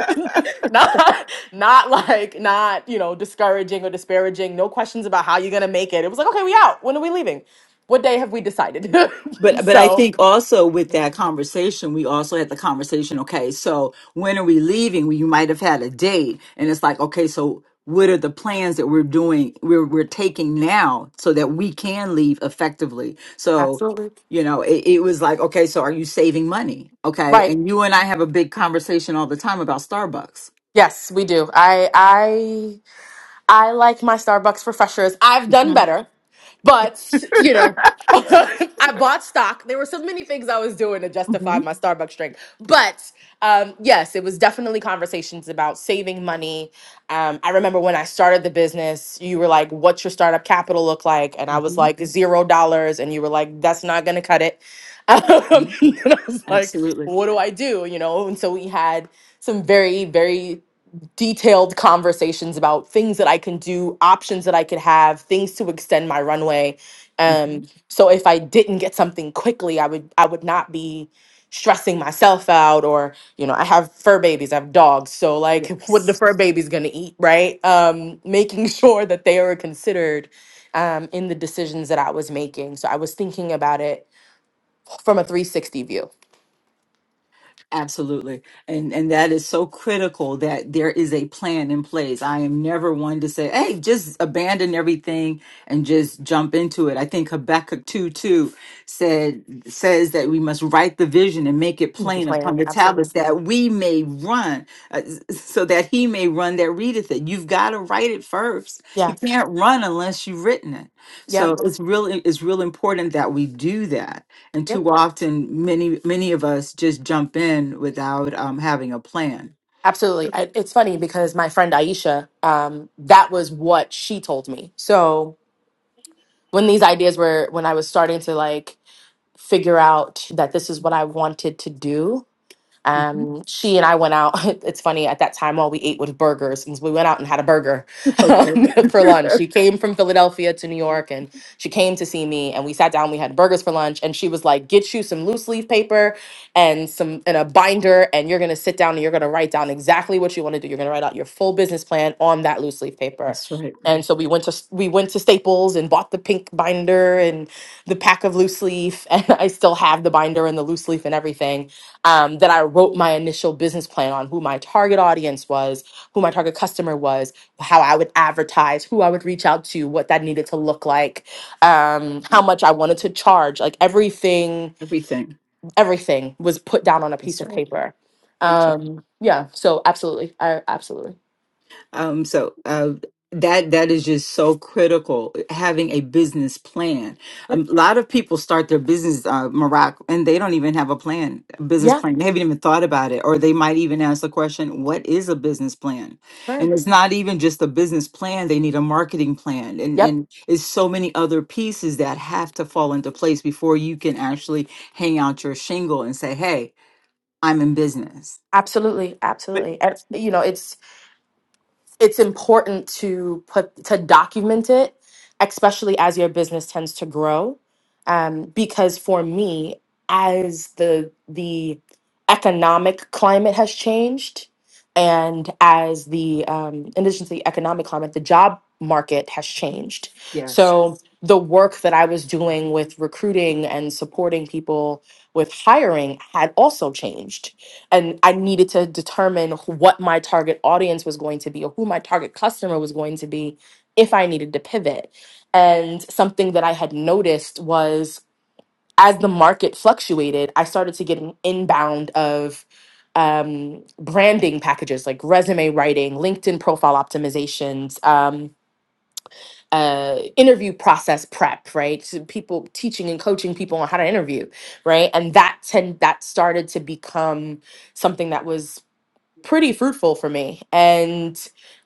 S2: not not like not you know discouraging or disparaging no questions about how you're gonna make it it was like okay we out when are we leaving what day have we decided
S1: But but I
S2: so
S1: think also with that conversation, we also had the conversation, okay, so when are we leaving? We you might have had a date and it's like, okay, so what are the plans that we're doing we're we're taking now so that we can leave effectively? So
S2: absolutely
S1: you know, it, it was like, okay, so are you saving money? Okay.
S2: right
S1: And you and I have a big conversation all the time about Starbucks.
S2: yes we do i I like my Starbucks refreshers. I've done better, but you know, I bought stock. There were so many things I was doing to justify my Starbucks drink. But um, yes, it was definitely conversations about saving money. Um, I remember when I started the business, you were like, "What's your startup capital look like?" And I was like, zero dollars," and you were like, "That's not going to cut it." Um, and I was like, "What do I do?" You know, and so we had some very, very detailed conversations about things that I can do, options that I could have, things to extend my runway.
S1: Mm-hmm.
S2: Um, so if I didn't get something quickly, I would I would not be stressing myself out or you know i have fur babies i have dogs so like what the fur babies going to eat right um making sure that they are considered um in the decisions that i was making so i was thinking about it from a 360 view
S1: Absolutely. And and that is so critical that there is a plan in place. I am never one to say, hey, just abandon everything and just jump into it. I think Habakkuk 2 2 said says that we must write the vision and make it
S2: With
S1: plain upon
S2: plan
S1: the
S2: absolutely
S1: tablets that we may run, uh, so that he may run that readeth it. You've got to write it first. You
S2: yeah
S1: can't run unless you've written it.
S2: yeah
S1: So it's really it's real important that we do that and
S2: yep
S1: too often, many many of us just jump in without um, having a plan.
S2: Absolutely. I, it's funny because my friend Aisha, um, that was what she told me. So when these ideas were, when I was starting to like figure out that this is what I wanted to do, um, she and I went out. It's funny at that time, all we ate was burgers. and so We went out and had a burger um, for lunch. She came from Philadelphia to New York, and she came to see me. And we sat down. We had burgers for lunch, and she was like, "Get you some loose leaf paper and some and a binder, and you're gonna sit down and you're gonna write down exactly what you want to do. You're gonna write out your full business plan on that loose leaf paper." And so we went to s- we went to Staples and bought the pink binder and the pack of loose leaf, and I still have the binder and the loose leaf and everything um, that I wrote my initial business plan on who my target audience was, who my target customer was, how I would advertise, who I would reach out to, what that needed to look like, um, how much I wanted to charge. Like everything,
S1: Everything.
S2: everything was put down on a piece of paper. Um, yeah, so absolutely. I absolutely.
S1: Um, so uh, that that is just so critical. Having a business plan.
S2: Yep.
S1: Um. A lot of people start their business, uh, Maroc, and they don't even have a plan, a business
S2: Yeah,
S1: plan. They haven't even thought about it, or they might even ask the question, "What is a business plan?"
S2: sure.
S1: And it's not even just a business plan. They need a marketing plan, and
S2: Yep.
S1: and it's so many other pieces that have to fall into place before you can actually hang out your shingle and say, "Hey, I'm in business."
S2: Absolutely. Absolutely. And you know, it's it's important to put to document it especially as your business tends to grow um, because for me as the the economic climate has changed and as the um, in addition to the economic climate the job market has changed so the work that i was doing with recruiting and supporting people with hiring had also changed and I needed to determine wh- what my target audience was going to be or who my target customer was going to be if I needed to pivot. And something that I had noticed was as the market fluctuated, I started to get an inbound of um, branding packages like resume writing, LinkedIn profile optimizations, um, uh, interview process prep, right? So people teaching and coaching people on how to interview, right? And that tend that started to become something that was pretty fruitful for me. And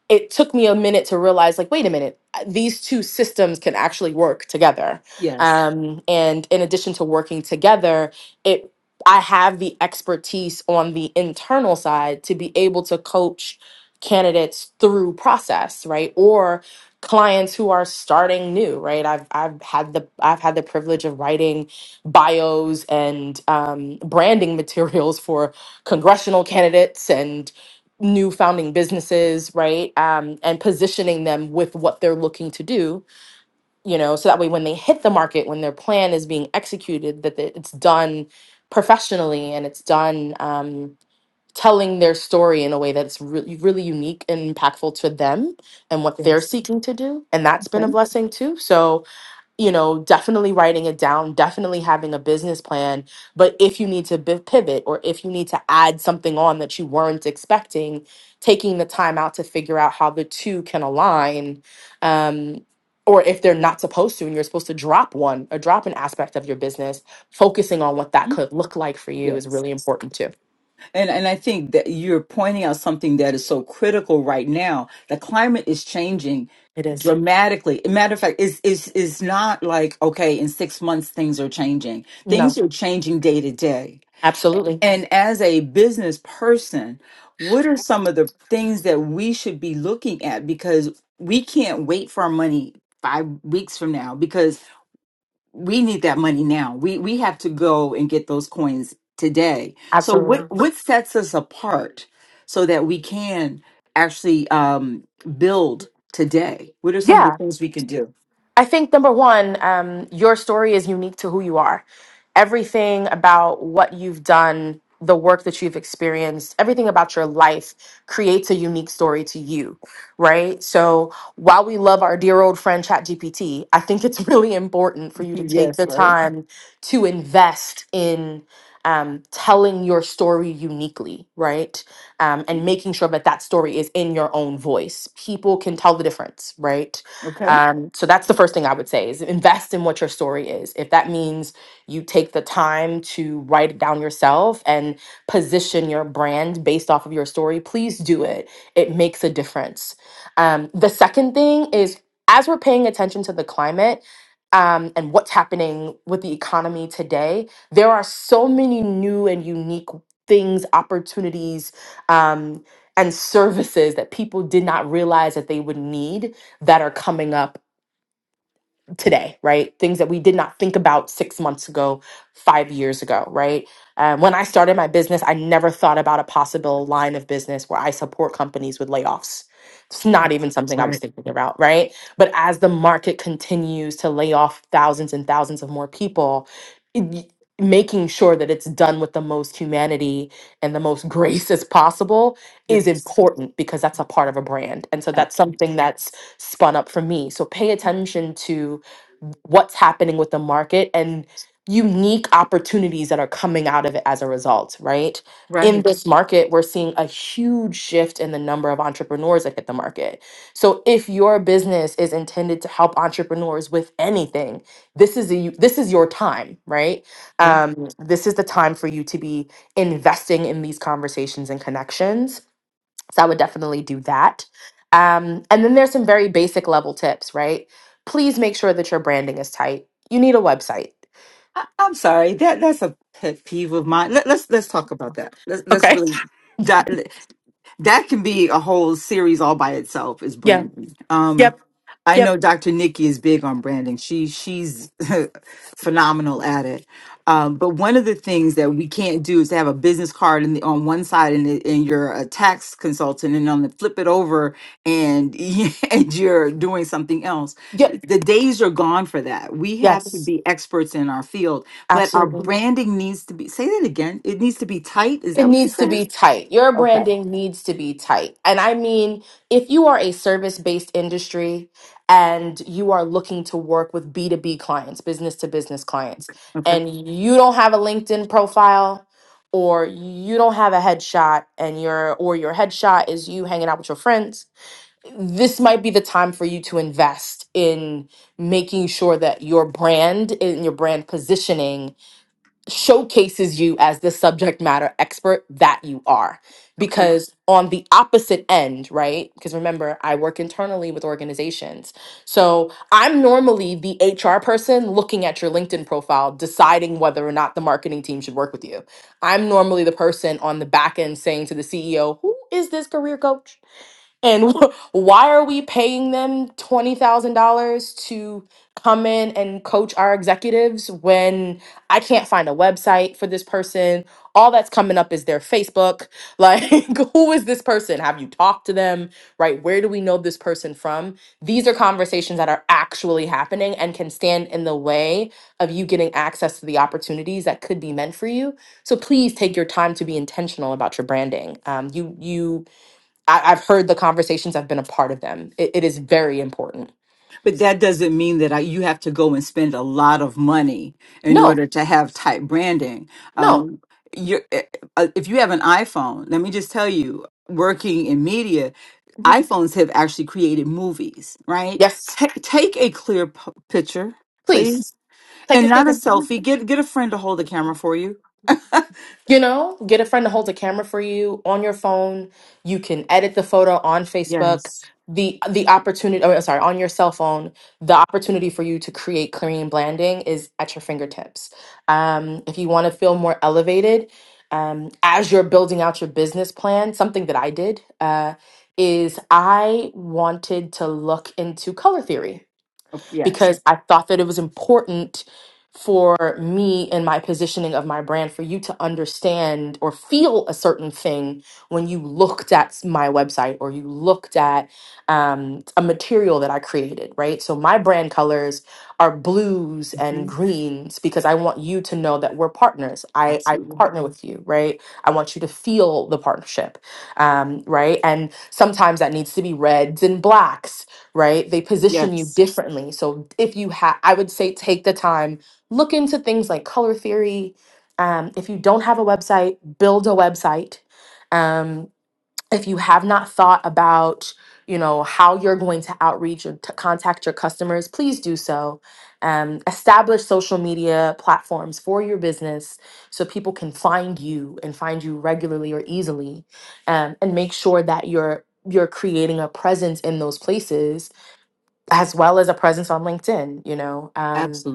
S2: it took me a minute to realize, like, wait a minute, uh, these two systems can actually work together. Um, and in addition to working together, it I have the expertise on the internal side to be able to coach candidates through process, right? Or clients who are starting new, right? I've I've had the I've had the privilege of writing bios and um, branding materials for congressional candidates and new founding businesses, right? Um, and positioning them with what they're looking to do, you know, so that way when they hit the market, when their plan is being executed, that it- it's done professionally and it's done um, telling their story in a way that's really, really unique and impactful to them and what they're seeking to do. And that's been a blessing too. So, you know, definitely writing it down, definitely having a business plan. But if you need to bi- pivot or if you need to add something on that you weren't expecting, taking the time out to figure out how the two can align, um, or if they're not supposed to and you're supposed to drop one or drop an aspect of your business, focusing on what that could look like for you is really important too.
S1: And and I think that you're pointing out something that is so critical right now. The climate is changing
S2: It is.
S1: dramatically. Matter of fact, it's is is not like okay, in six months things are changing.
S2: No,
S1: Things are changing day to day.
S2: absolutely.
S1: And as a business person, what are some of the things that we should be looking at? Because we can't wait for our money five weeks from now because we need that money now. We we have to go and get those coins today. So what what sets us apart so that we can actually um, build today? What are
S2: Absolutely.
S1: some of the things we can do?
S2: I think number one, um, your story is unique to who you are. Everything about what you've done, the work that you've experienced, everything about your life creates a unique story to you, right? So while we love our dear old friend ChatGPT, I think it's really important for you to take the time to invest in um, telling your story uniquely, right? Um, and making sure that that story is in your own voice. People can tell the difference, right? Um, so that's the first thing I would say is invest in what your story is. If that means you take the time to write it down yourself and position your brand based off of your story, please do it. It makes a difference. Um, the second thing is as we're paying attention to the climate um, and what's happening with the economy today, there are so many new and unique things, opportunities, um, and services that people did not realize that they would need that are coming up today, right? Things that we did not think about six months ago, five years ago, right? Um, when I started my business, I never thought about a possible line of business where I support companies with layoffs. It's not even something I was thinking about, right? But as the market continues to lay off thousands and thousands of more people, it- making sure that it's done with the most humanity and the most grace as possible is important because that's a part of a brand. And so that's something that's spun up for me. So pay attention to what's happening with the market and unique opportunities that are coming out of it as a result, right? In this market, we're seeing a huge shift in the number of entrepreneurs that hit the market. So, if your business is intended to help entrepreneurs with anything, this is a, you- this is your time, right? Um, this is the time for you to be investing in these conversations and connections so I would definitely do that. Um, and then there's some very basic level tips, right? Please make sure that your branding is tight. You need a website.
S1: I'm sorry. That that's a pet peeve of mine. Let, let's let's talk about that. Let's let's
S2: Okay.
S1: really that that can be a whole series all by itself is
S2: Yeah.
S1: branding. Um,
S2: Yep.
S1: I
S2: Yep.
S1: know Dr. Nikki is big on branding. She she's phenomenal at it. Um, but one of the things that we can't do is to have a business card in the, on one side and, it- and you're a tax consultant, and on the flip it over and and you're doing something else.
S2: Yep.
S1: The days are gone for that. We have to
S2: Yes.
S1: be experts in our field but our
S2: Absolutely.
S1: branding needs to be, say that again. It needs to be tight. Is
S2: It
S1: that what you
S2: needs to
S1: said?
S2: be tight. Your branding needs to be tight. And I mean, if you are a service based industry and you are looking to work with B2B clients, business to business clients,
S1: Okay.
S2: and you don't have a LinkedIn profile or you don't have a headshot and your or your headshot is you hanging out with your friends, this might be the time for you to invest in making sure that your brand and your brand positioning showcases you as the subject matter expert that you are. Because on the opposite end, right? Because remember, I work internally with organizations. So I'm normally the HR person looking at your LinkedIn profile, deciding whether or not the marketing team should work with you. I'm normally the person on the back end saying to the CEO, who is this career coach? And why are we paying them $20,000 to come in and coach our executives when I can't find a website for this person? All that's coming up is their Facebook. Like, who is this person? Have you talked to them? Right? Where do we know this person from? These are conversations that are actually happening and can stand in the way of you getting access to the opportunities that could be meant for you. So please take your time to be intentional about your branding. Um, you, you, I, I've heard the conversations. I've been a part of them. It, it is very important.
S1: But that doesn't mean that I, you have to go and spend a lot of money in
S2: No,
S1: order to have tight branding.
S2: no.
S1: Um, you're, eh, eh, if you have an iPhone, let me just tell you, working in media,
S2: Mhm.
S1: iPhones have actually created movies, right?
S2: Yes,
S1: Ta take a clear p- picture,
S2: please.
S1: please,
S2: Take
S1: and
S2: a
S1: not a
S2: clip.
S1: selfie. Get get a friend to hold the camera for you.
S2: You know, get a friend to hold a camera for you on your phone. You can edit the photo on Facebook. The the opportunity, oh, sorry, on your cell phone, the opportunity for you to create clean branding is at your fingertips. Um, if you want to feel more elevated, um, as you're building out your business plan, something that I did uh, is I wanted to look into color theory because I thought that it was important for me and my positioning of my brand for you to understand or feel a certain thing when you looked at s- my website or you looked at um, a material that I created, right? So my brand colors are blues and greens because I want you to know that we're partners. I, I partner with you, right? I want you to feel the partnership, um, right? And sometimes that needs to be reds and blacks right? They position you differently. So if you have, I would say take the time, look into things like color theory. Um, if you don't have a website, build a website. Um, if you have not thought about, you know, how you're going to outreach or to contact your customers, please do so. Um, establish social media platforms for your business so people can find you and find you regularly or easily, um, and make sure that you're you're creating a presence in those places as well as a presence on LinkedIn, you know, um,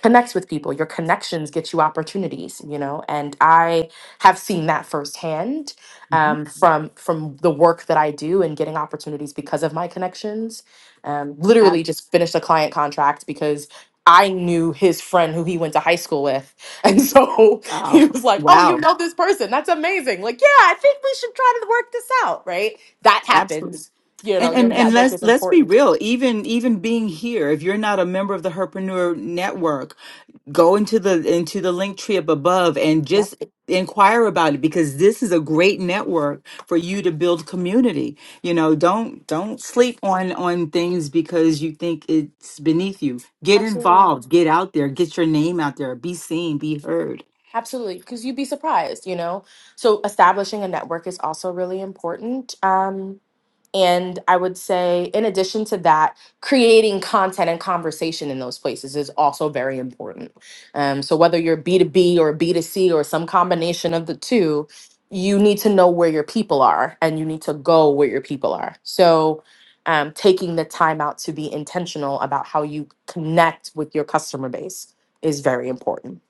S2: connects with people. Your connections get you opportunities, you know, and I have seen that firsthand um, from from the work that I do and getting opportunities because of my connections. Um, literally, just finished a client contract because. I knew his friend who he went to high school with. And so he was like, Oh, you know this person. That's amazing. Like, yeah, I think we should try to work this out, right? That happens. You know,
S1: And,
S2: your
S1: and and
S2: network
S1: let's
S2: is
S1: let's be
S2: important.
S1: real. Even even being here, if you're not a member of the Herpreneur Network, go into the into the link tree up above and
S2: Yeah.
S1: just inquire about it because this is a great network for you to build community. You know, don't don't sleep on on things because you think it's beneath you. Get
S2: Absolutely.
S1: involved. Get out there. Get your name out there. Be seen. Be heard.
S2: Absolutely. Because you'd be surprised, you know? So establishing a network is also really important. Um, and I would say, in addition to that, creating content and conversation in those places is also very important. Um, so whether you're B2B or B2C or some combination of the two, you need to know where your people are and you need to go where your people are. So um, taking the time out to be intentional about how you connect with your customer base is very important.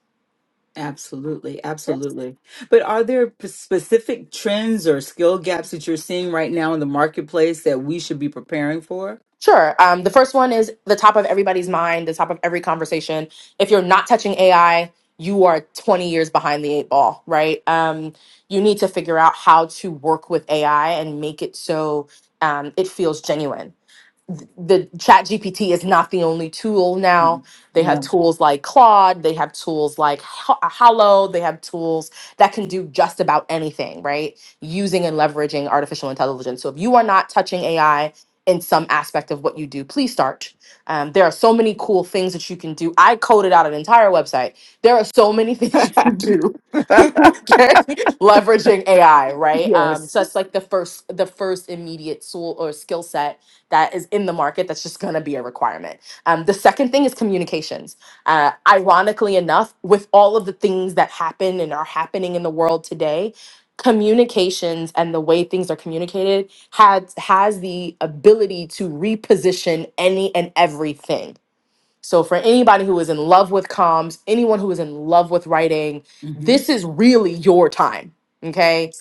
S1: Absolutely, absolutely. But are there p- specific trends or skill gaps that you're seeing right now in the marketplace that we should be preparing for?
S2: Sure. Um, the first one is the top of everybody's mind, the top of every conversation. If you're not touching AI, you are 20 years behind the eight ball, right? Um, you need to figure out how to work with AI and make it so um, it feels genuine th- the chat gpt is not the only tool now
S1: Mm,
S2: they have
S1: No.
S2: tools like claude they have tools like Ho- hollow they have tools that can do just about anything right using and leveraging artificial intelligence so if you are not touching ai in some aspect of what you do please start um, there are so many cool things that you can do i coded out an entire website there are so many things you can do okay leveraging ai right um, so that's like the first the first immediate tool or skill set that is in the market that's just going to be a requirement um, the second thing is communications uh, ironically enough with all of the things that happen and are happening in the world today communications and the way things are communicated has has the ability to reposition any and everything so for anybody who is in love with comms anyone who is in love with writing
S1: hmm
S2: this is really your time okay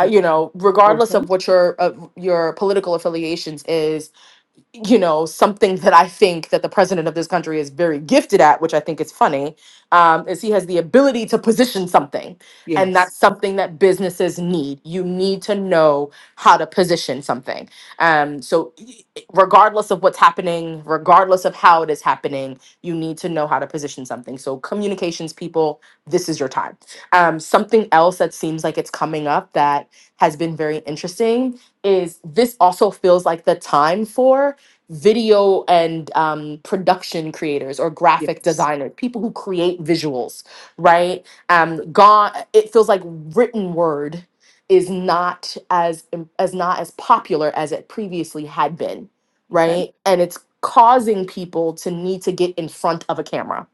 S2: uh, you know regardless
S1: Okay.
S2: of what your of your political affiliations is you know something that i think that the president of this country is very gifted at which i think is funny um, is he has the ability to position something and
S1: Yes.
S2: that's something that businesses need you need to know how to position something um, so y- regardless of what's happening regardless of how it is happening you need to know how to position something so communications people this is your time um, something else that seems like it's coming up that has been very interesting is this also feels like the time for video and um, production creators or graphic designers, people who create visuals, right? Um, gone. It feels like written word is not as im- as not as popular as it previously had been,
S1: Okay.
S2: right? And it's causing people to need to get in front of a camera.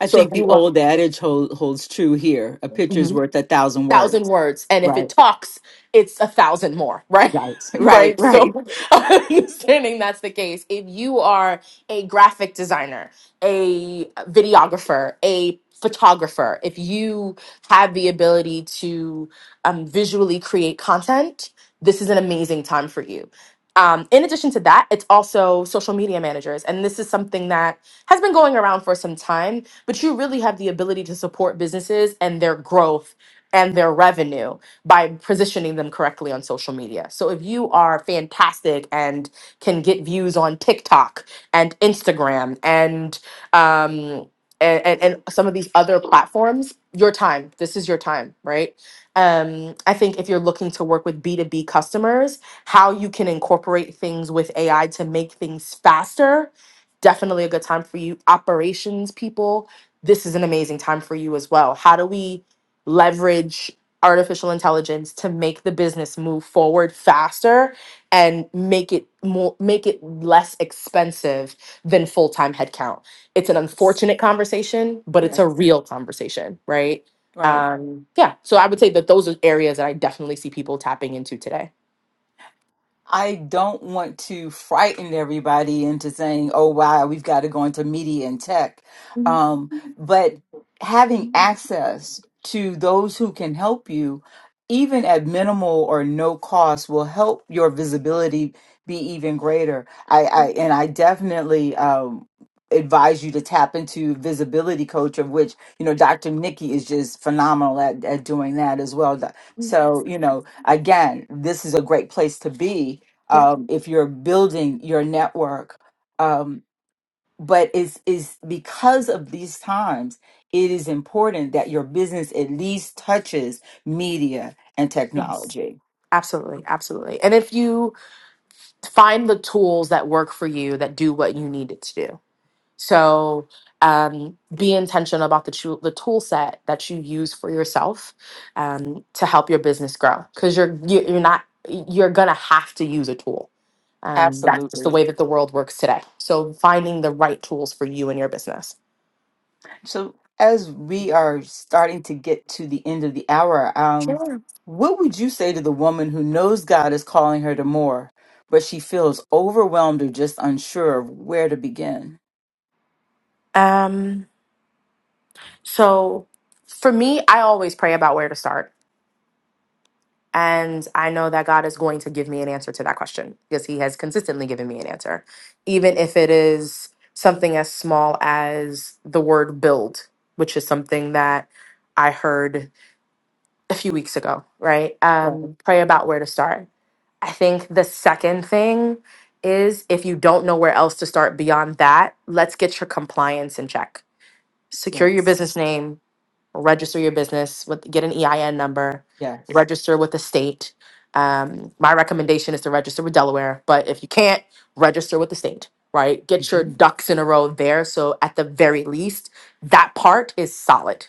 S1: I
S2: So if
S1: think the
S2: you want,
S1: old adage hold, holds true here. A picture's worth a thousand
S2: thousand
S1: words.
S2: words and if it talks it's a thousand more right right so understanding that's the case if you are a graphic designer a videographer a photographer if you have the ability to um, visually create content this is an amazing time for you um, in addition to that it's also social media managers and this is something that has been going around for some time but you really have the ability to support businesses and their growth and their revenue by positioning them correctly on social media. So if you are fantastic and can get views on TikTok and Instagram and um and, and, and some of these other platforms, your time. This is your time, right? Um, I think if you're looking to work with B2B customers, how you can incorporate things with AI to make things faster, definitely a good time for you. Operations people, this is an amazing time for you as well. How do we leverage artificial intelligence to make the business move forward faster and make it more make it less expensive than full-time headcount. It's an unfortunate conversation, but it's
S1: Yes.
S2: a real conversation, right?
S1: Right.
S2: Um, yeah, so I would say that those are areas that I definitely see people tapping into today.
S1: I don't want to frighten everybody into saying, oh, wow, we've got to go into media and tech.
S2: Mhm.
S1: Um, but having access to those who can help you, even at minimal or no cost, will help your visibility be even greater. I, I and I definitely um, advise you to tap into visibility coach, of which you know Dr. Nikki is just phenomenal at, at doing that as well. So you know again, this is a great place to be
S2: Yeah.
S1: um, if you're building your network. Um, but is is because of these times, it is important that your business at least touches media and
S2: Yes.
S1: technology.
S2: Absolutely. Absolutely. And if you find the tools that work for you that do what you need it to do, So um, be intentional about the, tool the tool set that you use for yourself um, to help your business grow because you're, you- you're not, you're going to have to use a tool. Um, that's just the way that the world works today. So finding the right tools for you and your business.
S1: So as we are starting to get to the end of the hour, um,
S2: Sure.
S1: what would you say to the woman who knows God is calling her to more, but she feels overwhelmed or just unsure of where to begin?
S2: Um, so for me, I always pray about where to start And I know that God is going to give me an answer to that question because He has consistently given me an answer, even if it is something as small as the word build, which is something that I heard a few weeks ago, right? Um, pray about where to start. I think the second thing is if you don't know where else to start beyond that, let's get your compliance in check. Secure your business name, register your business with get an EIN number,
S1: Yes,
S2: register with the state. Um, my recommendation is to register with Delaware, but if you can't, register with the state, right? Get your
S1: Mhm.
S2: ducks in a row there. So at the very least, that part is solid.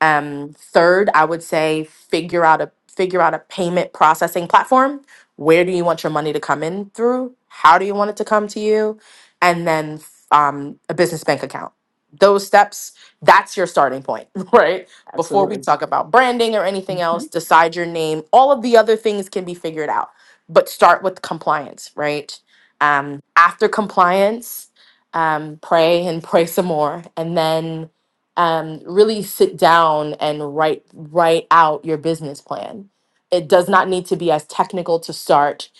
S2: Um, third, I would say figure out a figure out a payment processing platform. Where do you want your money to come in through? How do you want it to come to you? And then um, a business bank account. Those steps that's your starting point, right? Before we
S1: absolutely.
S2: talk about branding or anything else, decide your name. All of the other things can be figured out, but start with compliance, right? Um, after compliance, um, pray and pray some more, and then um, really sit down and write write out your business plan. It does not need to be as technical to start.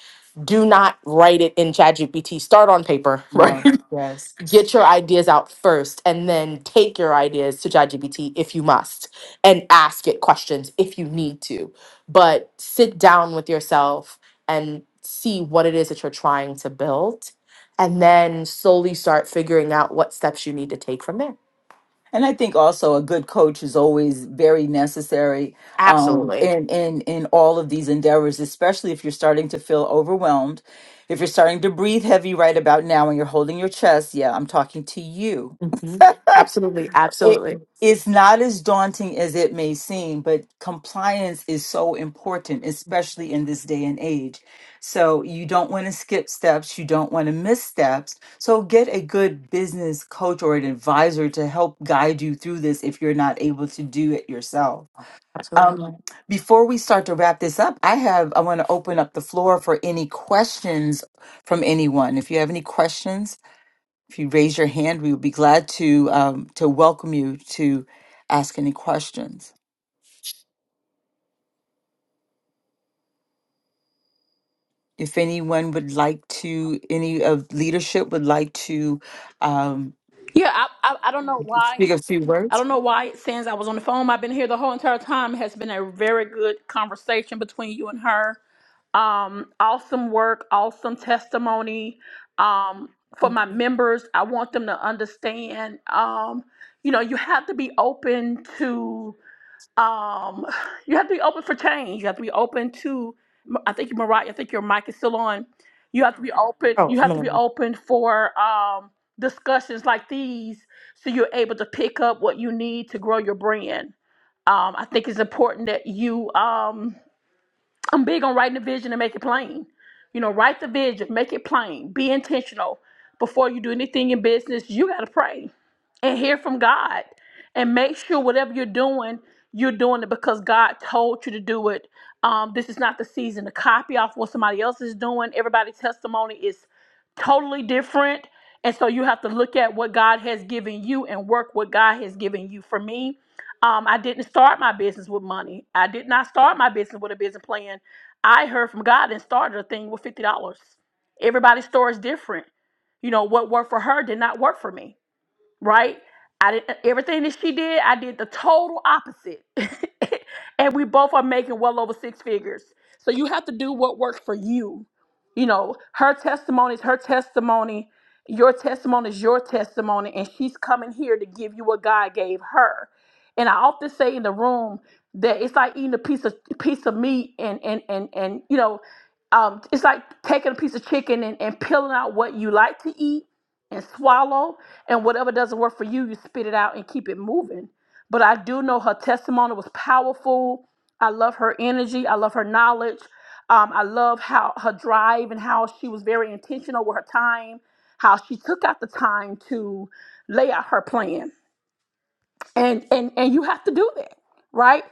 S2: Do not write it in ChatGPT. Start on paper, right?
S1: No, yes.
S2: get your ideas out first and then take your ideas to ChatGPT if you must and ask it questions if you need to. But sit down with yourself and see what it is that you're trying to build and then slowly start figuring out what steps you need to take from there.
S1: And I think also a good coach is always very necessary um,
S2: Absolutely.
S1: in, in, in all of these endeavors, especially if you're starting to feel overwhelmed. If you're starting to breathe heavy right about now and you're holding your chest, yeah, I'm talking to you
S2: hmm Absolutely.
S1: It's not as daunting as it may seem, but compliance is so important, especially in this day and age. So you don't want to skip steps, you don't want to miss steps. So get a good business coach or an advisor to help guide you through this if you're not able to do it yourself.
S2: Absolutely.
S1: Before we start to wrap this up, I have I want to open up the floor for any questions from anyone. If you have any questions, if you raise your hand, we would be glad to um, to welcome you to ask any questions. If anyone would like to, any of leadership would like to, um,
S3: Yeah, I, I I don't know why. I don't know why since I was on the phone. I've been here the whole entire time. It has been a very good conversation between you and her. um, awesome work, awesome testimony um, for
S2: Mm.
S3: my members. I want them to understand, um, you know, you have to be open to, um, you have to be open for change. You have to be open to, I think you're right. I think your mic is still on. You have to be open.
S2: Oh,
S3: You
S2: I'm
S3: have to be
S2: going to.
S3: open for um, discussions like these, so you're able to pick up what you need to grow your brand. Um, I think it's important that you. Um, I'm big on writing the vision and make it plain. You know, write the vision, make it plain, be intentional. Before you do anything in business, you got to pray and hear from God and make sure whatever you're doing, you're doing it because God told you to do it. Um, this is not the season to copy off what somebody else is doing. Everybody's testimony is totally different. And so you have to look at what God has given you and work what God has given you. For me, um, I didn't start my business with money. I did not start my business with a business plan. I heard from God and started a thing with $50. Everybody's story is different. You know, what worked for her did not work for me right? I did everything that she did. I did the total opposite, and we both are making well over six figures. So you have to do what works for you. You know, her testimony is her testimony. Your testimony is your testimony, and she's coming here to give you what God gave her. And I often say in the room that it's like eating a piece of piece of meat, and and and and you know, um, it's like taking a piece of chicken and, and peeling out what you like to eat and swallow and whatever doesn't work for you, you spit it out and keep it moving. But I do know her testimony was powerful. I love her energy. I love her knowledge. Um, I love how her drive and how she was very intentional with her time, how she took out the time to lay out her plan. And and and you have to do that, right?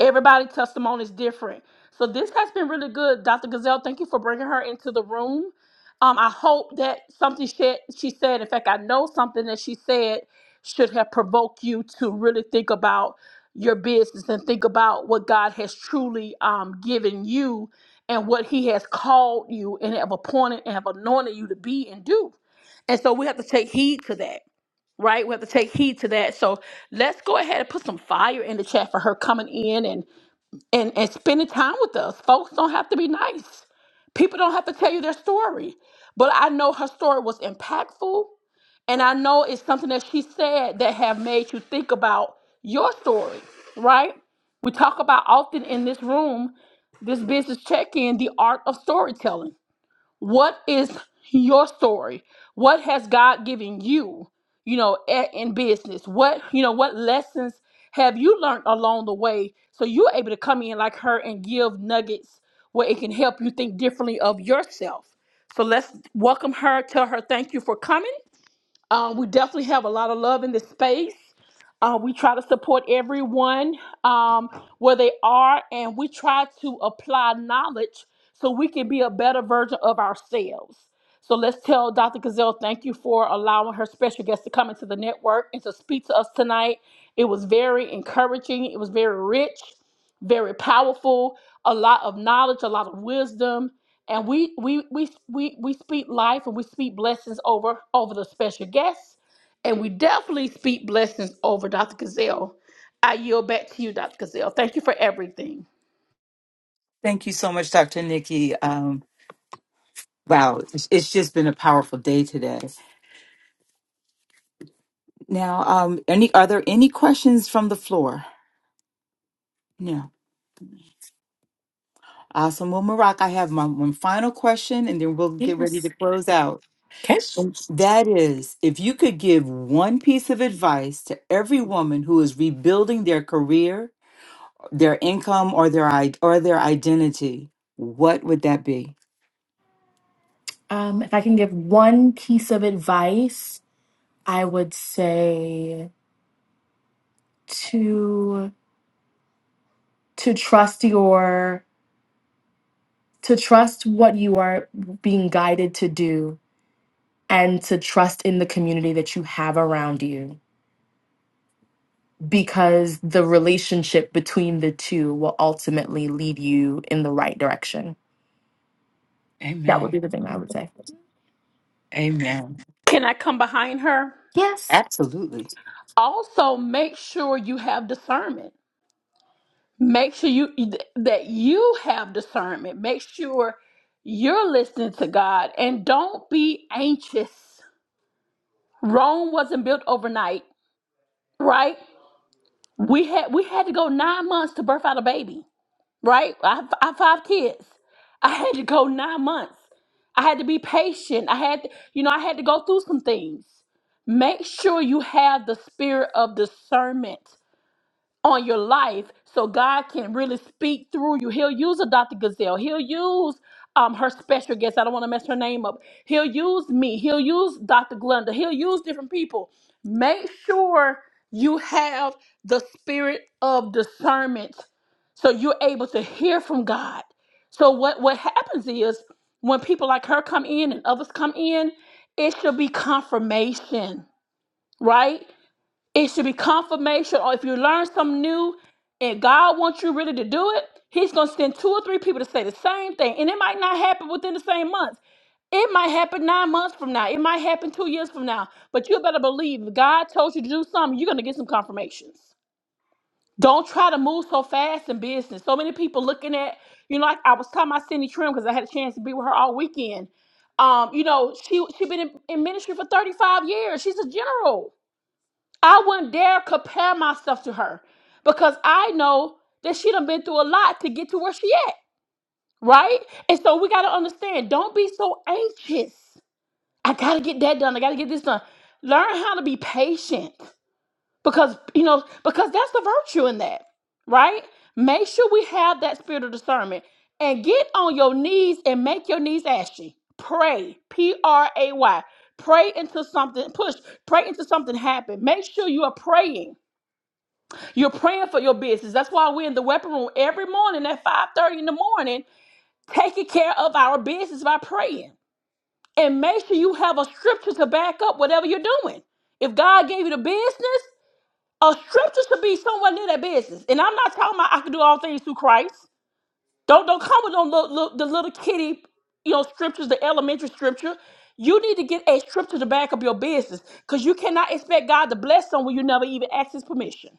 S3: Everybody's testimony is different. So this has been really good, Dr. Gazelle. Thank you for bringing her into the room. Um, I hope that something she, she said, in fact, I know something that she said should have provoked you to really think about your business and think about what God has truly um, given you and what He has called you and have appointed and have anointed you to be and do. And so we have to take heed to that, right? We have to take heed to that. So let's go ahead and put some fire in the chat for her coming in and and and spending time with us. Folks don't have to be nice. People don't have to tell you their story. But I know her story was impactful, and I know it's something that she said that have made you think about your story, right? We talk about often in this room, this business check-in, the art of storytelling. What is your story? What has God given you, you know, a- in business? What, you know, what lessons have you learned along the way so you're able to come in like her and give nuggets where it can help you think differently of yourself? So let's welcome her, tell her thank you for coming um, we definitely have a lot of love in this space. Uh, we try to support everyone um, where they are, and we try to apply knowledge so we can be a better version of ourselves. So let's tell Dr. Gazelle thank you for allowing her special guest to come into the network and to speak to us tonight. It was very encouraging, it was very rich, very powerful, a lot of knowledge, a lot of wisdom and we we we we we speak life and we speak blessings over over the special guests, and we definitely speak blessings over Dr. Gazelle. I yield back to you, Dr. Gazelle. Thank you for everything.
S1: thank you so much, Dr. Nikki. Um, wow, it's, it's just been a powerful day today. Now, um, any are there any questions from the floor? No. Awesome. Well, Marak, I have my one final question, and then we'll get ready
S2: Yes.
S1: to close out.
S2: Okay.
S1: That is, if you could give one piece of advice to every woman who is rebuilding their career, their income, or their i- or their identity, what would that be?
S2: Um, if I can give one piece of advice, I would say to. to trust your to trust what you are being guided to do and to trust in the community that you have around you because the relationship between the two will ultimately lead you in the right direction that would
S1: Amen.
S2: be the thing i would say
S1: Amen.
S3: Can I come behind her?
S2: yes
S1: Absolutely.
S3: Also, make sure you have discernment. Make sure you that you have discernment. Make sure you're listening to God and don't be anxious. Rome wasn't built overnight, right? We had we had to go nine months to birth out a baby. right? I, have- I have five kids. I had to go nine months. I had to be patient. I had, you know, I had to go through some things. Make sure you have the spirit of discernment on your life so God can really speak through you. He'll use a Dr. Gazelle. He'll use um, her special guest. I don't want to mess her name up. He'll use me. He'll use Dr. Glenda. He'll use different people. Make sure you have the spirit of discernment so you're able to hear from God. So what, what happens is when people like her come in and others come in, it should be confirmation, right? It should be confirmation. Or if you learn something new and God wants you really to do it, He's going to send two or three people to say the same thing. And it might not happen within the same month. It might happen nine months from now. It might happen two years from now. But you better believe if God told you to do something, you're going to get some confirmations. Don't try to move so fast in business. So many people looking at, you know, like I was talking about Cindy Trim because I had a chance to be with her all weekend. Um, you know, she she been in, in ministry for 35 years. She's a general. I wouldn't dare compare myself to her because I know that she done been through a lot to get to where she at, right? And so we gotta understand, don't be so anxious. I gotta get that done. I gotta get this done. Learn how to be patient because you know, because that's the virtue in that, right? Make sure we have that spirit of discernment and get on your knees and make your knees ashy. Pray, P R A Y. Pray into something, push, pray into something happen. Make sure you are praying you're praying for your business. That's why we're in the weapon room every morning at 5:30 in the morning, taking care of our business by praying. And make sure you have a scripture to back up whatever you're doing. If God gave you the business, a scripture should be somewhere near that business. And I'm not talking about I can do all things through Christ. Don't don't come with no little, little, the little kitty, you know, scriptures, the elementary scripture. You need to get a scripture to back up your business because you cannot expect God to bless someone you never even ask His permission.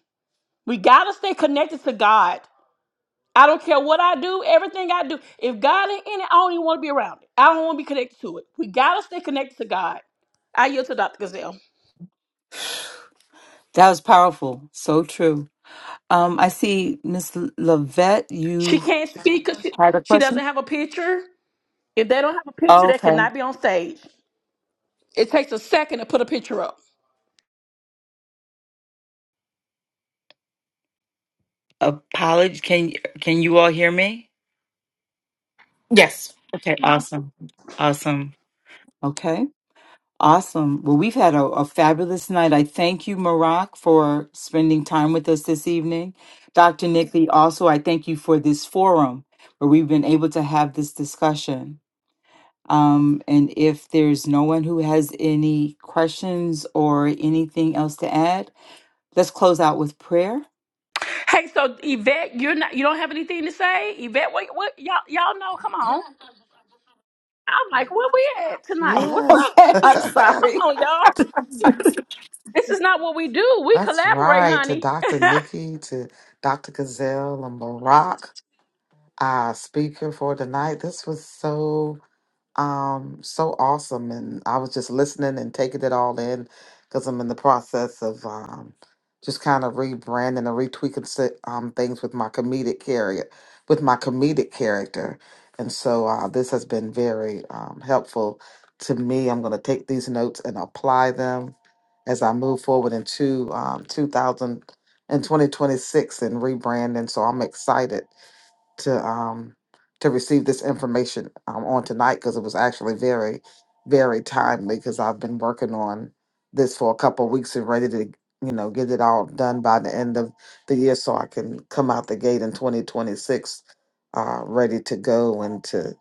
S3: We gotta stay connected to God. I don't care what I do, everything I do. If God ain't in it, I don't even want to be around it. I don't want to be connected to it. We gotta stay connected to God. I yield to Dr. Gazelle.
S1: That was powerful. So true. Um, I see Miss L- Lavette.
S3: She
S1: You
S3: can't speak because she, she doesn't have a picture. If they don't have a picture, they
S1: okay?
S3: cannot be on stage. It takes a second to put a picture up.
S1: Apology. Can can you all hear me?
S2: yes
S1: Okay. Awesome. Awesome. Okay. Awesome. Well, we've had a, a fabulous night. I thank you, Marak, for spending time with us this evening. Dr. Nickly, also, I thank you for this forum where we've been able to have this discussion. Um, and if there's no one who has any questions or anything else to add, let's close out with prayer.
S3: Hey, so Yvette, you're not you don't have anything to say? Yvette, what what y'all y'all know? Come on. I'm like, where we at tonight? What's
S4: Yes.
S3: up? Come on, y'all. This is not what we do. We
S4: That's
S3: collaborate,
S4: right. To
S3: honey.
S4: Dr. Nikki, to Dr. Gazelle and Barack, our speaker for tonight. This was so Um, so awesome. And I was just listening and taking it all in because I'm in the process of um, just kind of rebranding and retweaking si- um, things with my comedic character, with my comedic character. And so uh, this has been very um, helpful to me. I'm going to take these notes and apply them as I move forward into um, 2000 and 2026 and rebranding. So I'm excited to um to receive this information um, on tonight because it was actually very very timely because I've been working on this for a couple of weeks and ready to you know get it all done by the end of the year so I can come out the gate in 2026 uh ready to go and to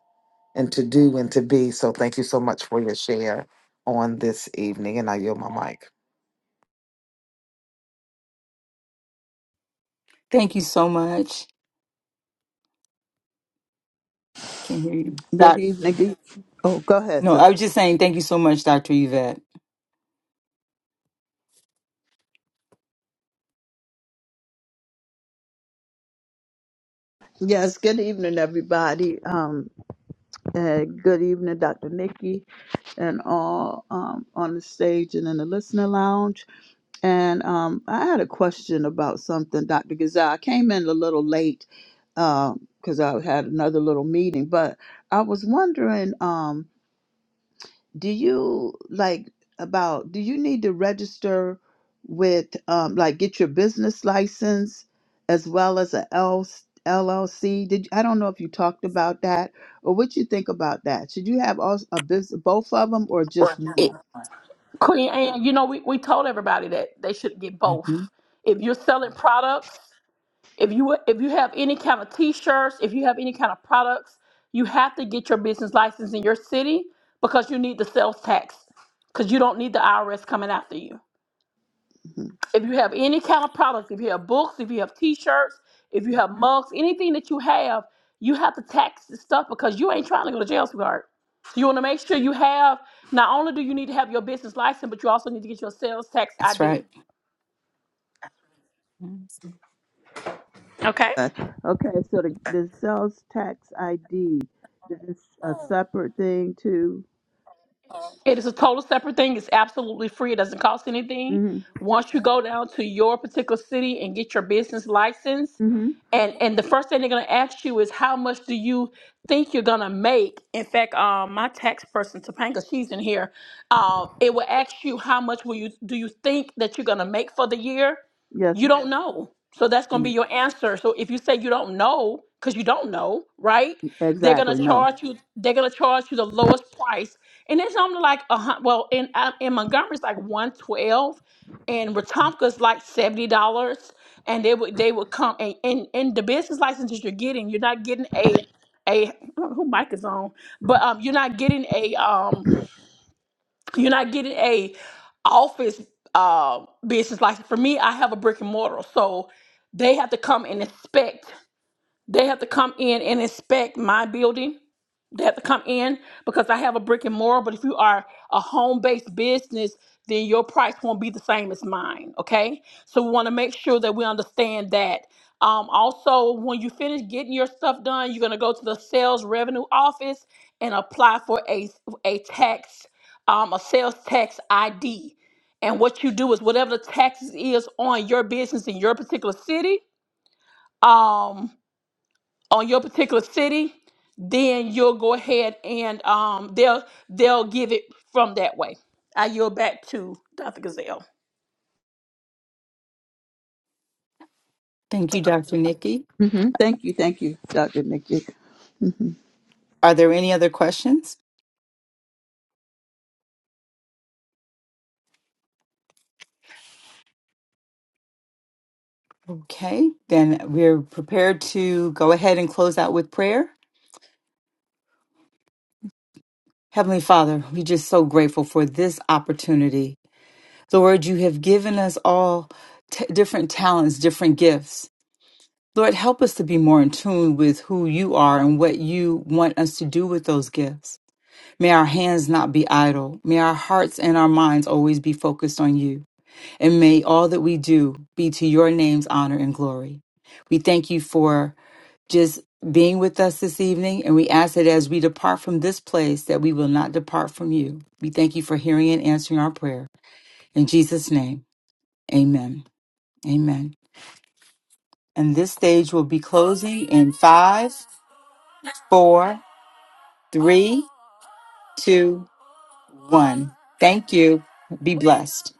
S4: and to do and to be so thank you so much for your share on this evening and I yield my mic
S1: Thank you so much. I can't hear you.
S5: Good
S1: Doc,
S5: evening. Oh, go ahead,
S1: no,
S5: sir.
S1: I was just saying thank you so much, Dr. Yvette.
S5: Yes, good evening, everybody. Um, and good evening, Dr. Nikki, and all um, on the stage and in the listener lounge. And um, I had a question about something, Dr. Gazelle. I came in a little late because I had another little meeting, but I was wondering. um. do you like about do you need to register with um like get your business license as well as a L- LLC? Did I don't know if you talked about that or what you think about that. Should you have all a business both of them or just
S1: It,
S5: one?
S3: Queen, and you know, we, we told everybody that they should get both.
S1: Mhm.
S3: If you're selling products, if you if you have any kind of t-shirts, if you have any kind of products, you have to get your business license in your city because you need the sales tax because you don't need the IRS coming after you
S5: Mhm.
S3: if you have any kind of products, if you have books, if you have t-shirts, if you have mugs, anything that you have, you have to tax the stuff because you ain't trying to go to jail, sweetheart. You want to make sure you have, not only do you need to have your business license, but you also need to get your sales tax
S1: That's
S3: ID.
S1: right.
S3: Okay?
S5: Uh, Okay, so the, the sales tax ID is a separate thing too.
S3: It is a total separate thing. It's absolutely free. It doesn't cost anything.
S5: Mhm.
S3: Once you go down to your particular city and get your business license,
S5: Mhm.
S3: and and the first thing they're gonna ask you is how much do you think you're gonna make? In fact, um, my tax person Topanga, she's in here. Um, it will ask you how much will you do you think that you're gonna make for the year?
S5: Yes,
S3: You don't know. So that's gonna be
S5: mm,
S3: your answer. So if you say you don't know, because you don't know, right? They're gonna
S5: exactly. No.
S3: charge you. They're gonna charge you the lowest price and it's only like a hun- well in uh, in Montgomery's like one twelve, and Wetumpka's like seventy dollars. And they would they would come and, and and the business licenses you're getting, you're not getting a a I don't know who mic is on, but um you're not getting a um you're not getting a office uh business license. For me, I have a brick and mortar, so they have to come and inspect they have to come in and inspect my building. They have to come in because I have a brick and mortar. But if you are a home based business, then your price won't be the same as mine. Okay. So we want to make sure that we understand that. Um, also, when you finish getting your stuff done, you're going to go to the sales revenue office and apply for a, a tax, um, a sales tax ID. And what you do is whatever the taxes is on your business in your particular city, um on your particular city, then you'll go ahead and um, they'll they'll give it from that way. I yield back to Dr. Gazelle.
S1: Thank you, Dr. Nikki.
S5: Mhm. Thank you. Thank you, Dr. Nikki.
S1: Are there any other questions? Okay, then we're prepared to go ahead and close out with prayer. Heavenly Father, we're just so grateful for this opportunity. Lord, you have given us all t- different talents, different gifts. Lord, help us to be more in tune with who you are and what you want us to do with those gifts. May our hands not be idle. May our hearts and our minds always be focused on you. And may all that we do be to your name's honor and glory. We thank you for just being with us this evening. And we ask that as we depart from this place, that we will not depart from you. We thank you for hearing and answering our prayer. In Jesus' name, amen. Amen. And this stage will be closing in five, four, three, two, one. Thank you. Be blessed.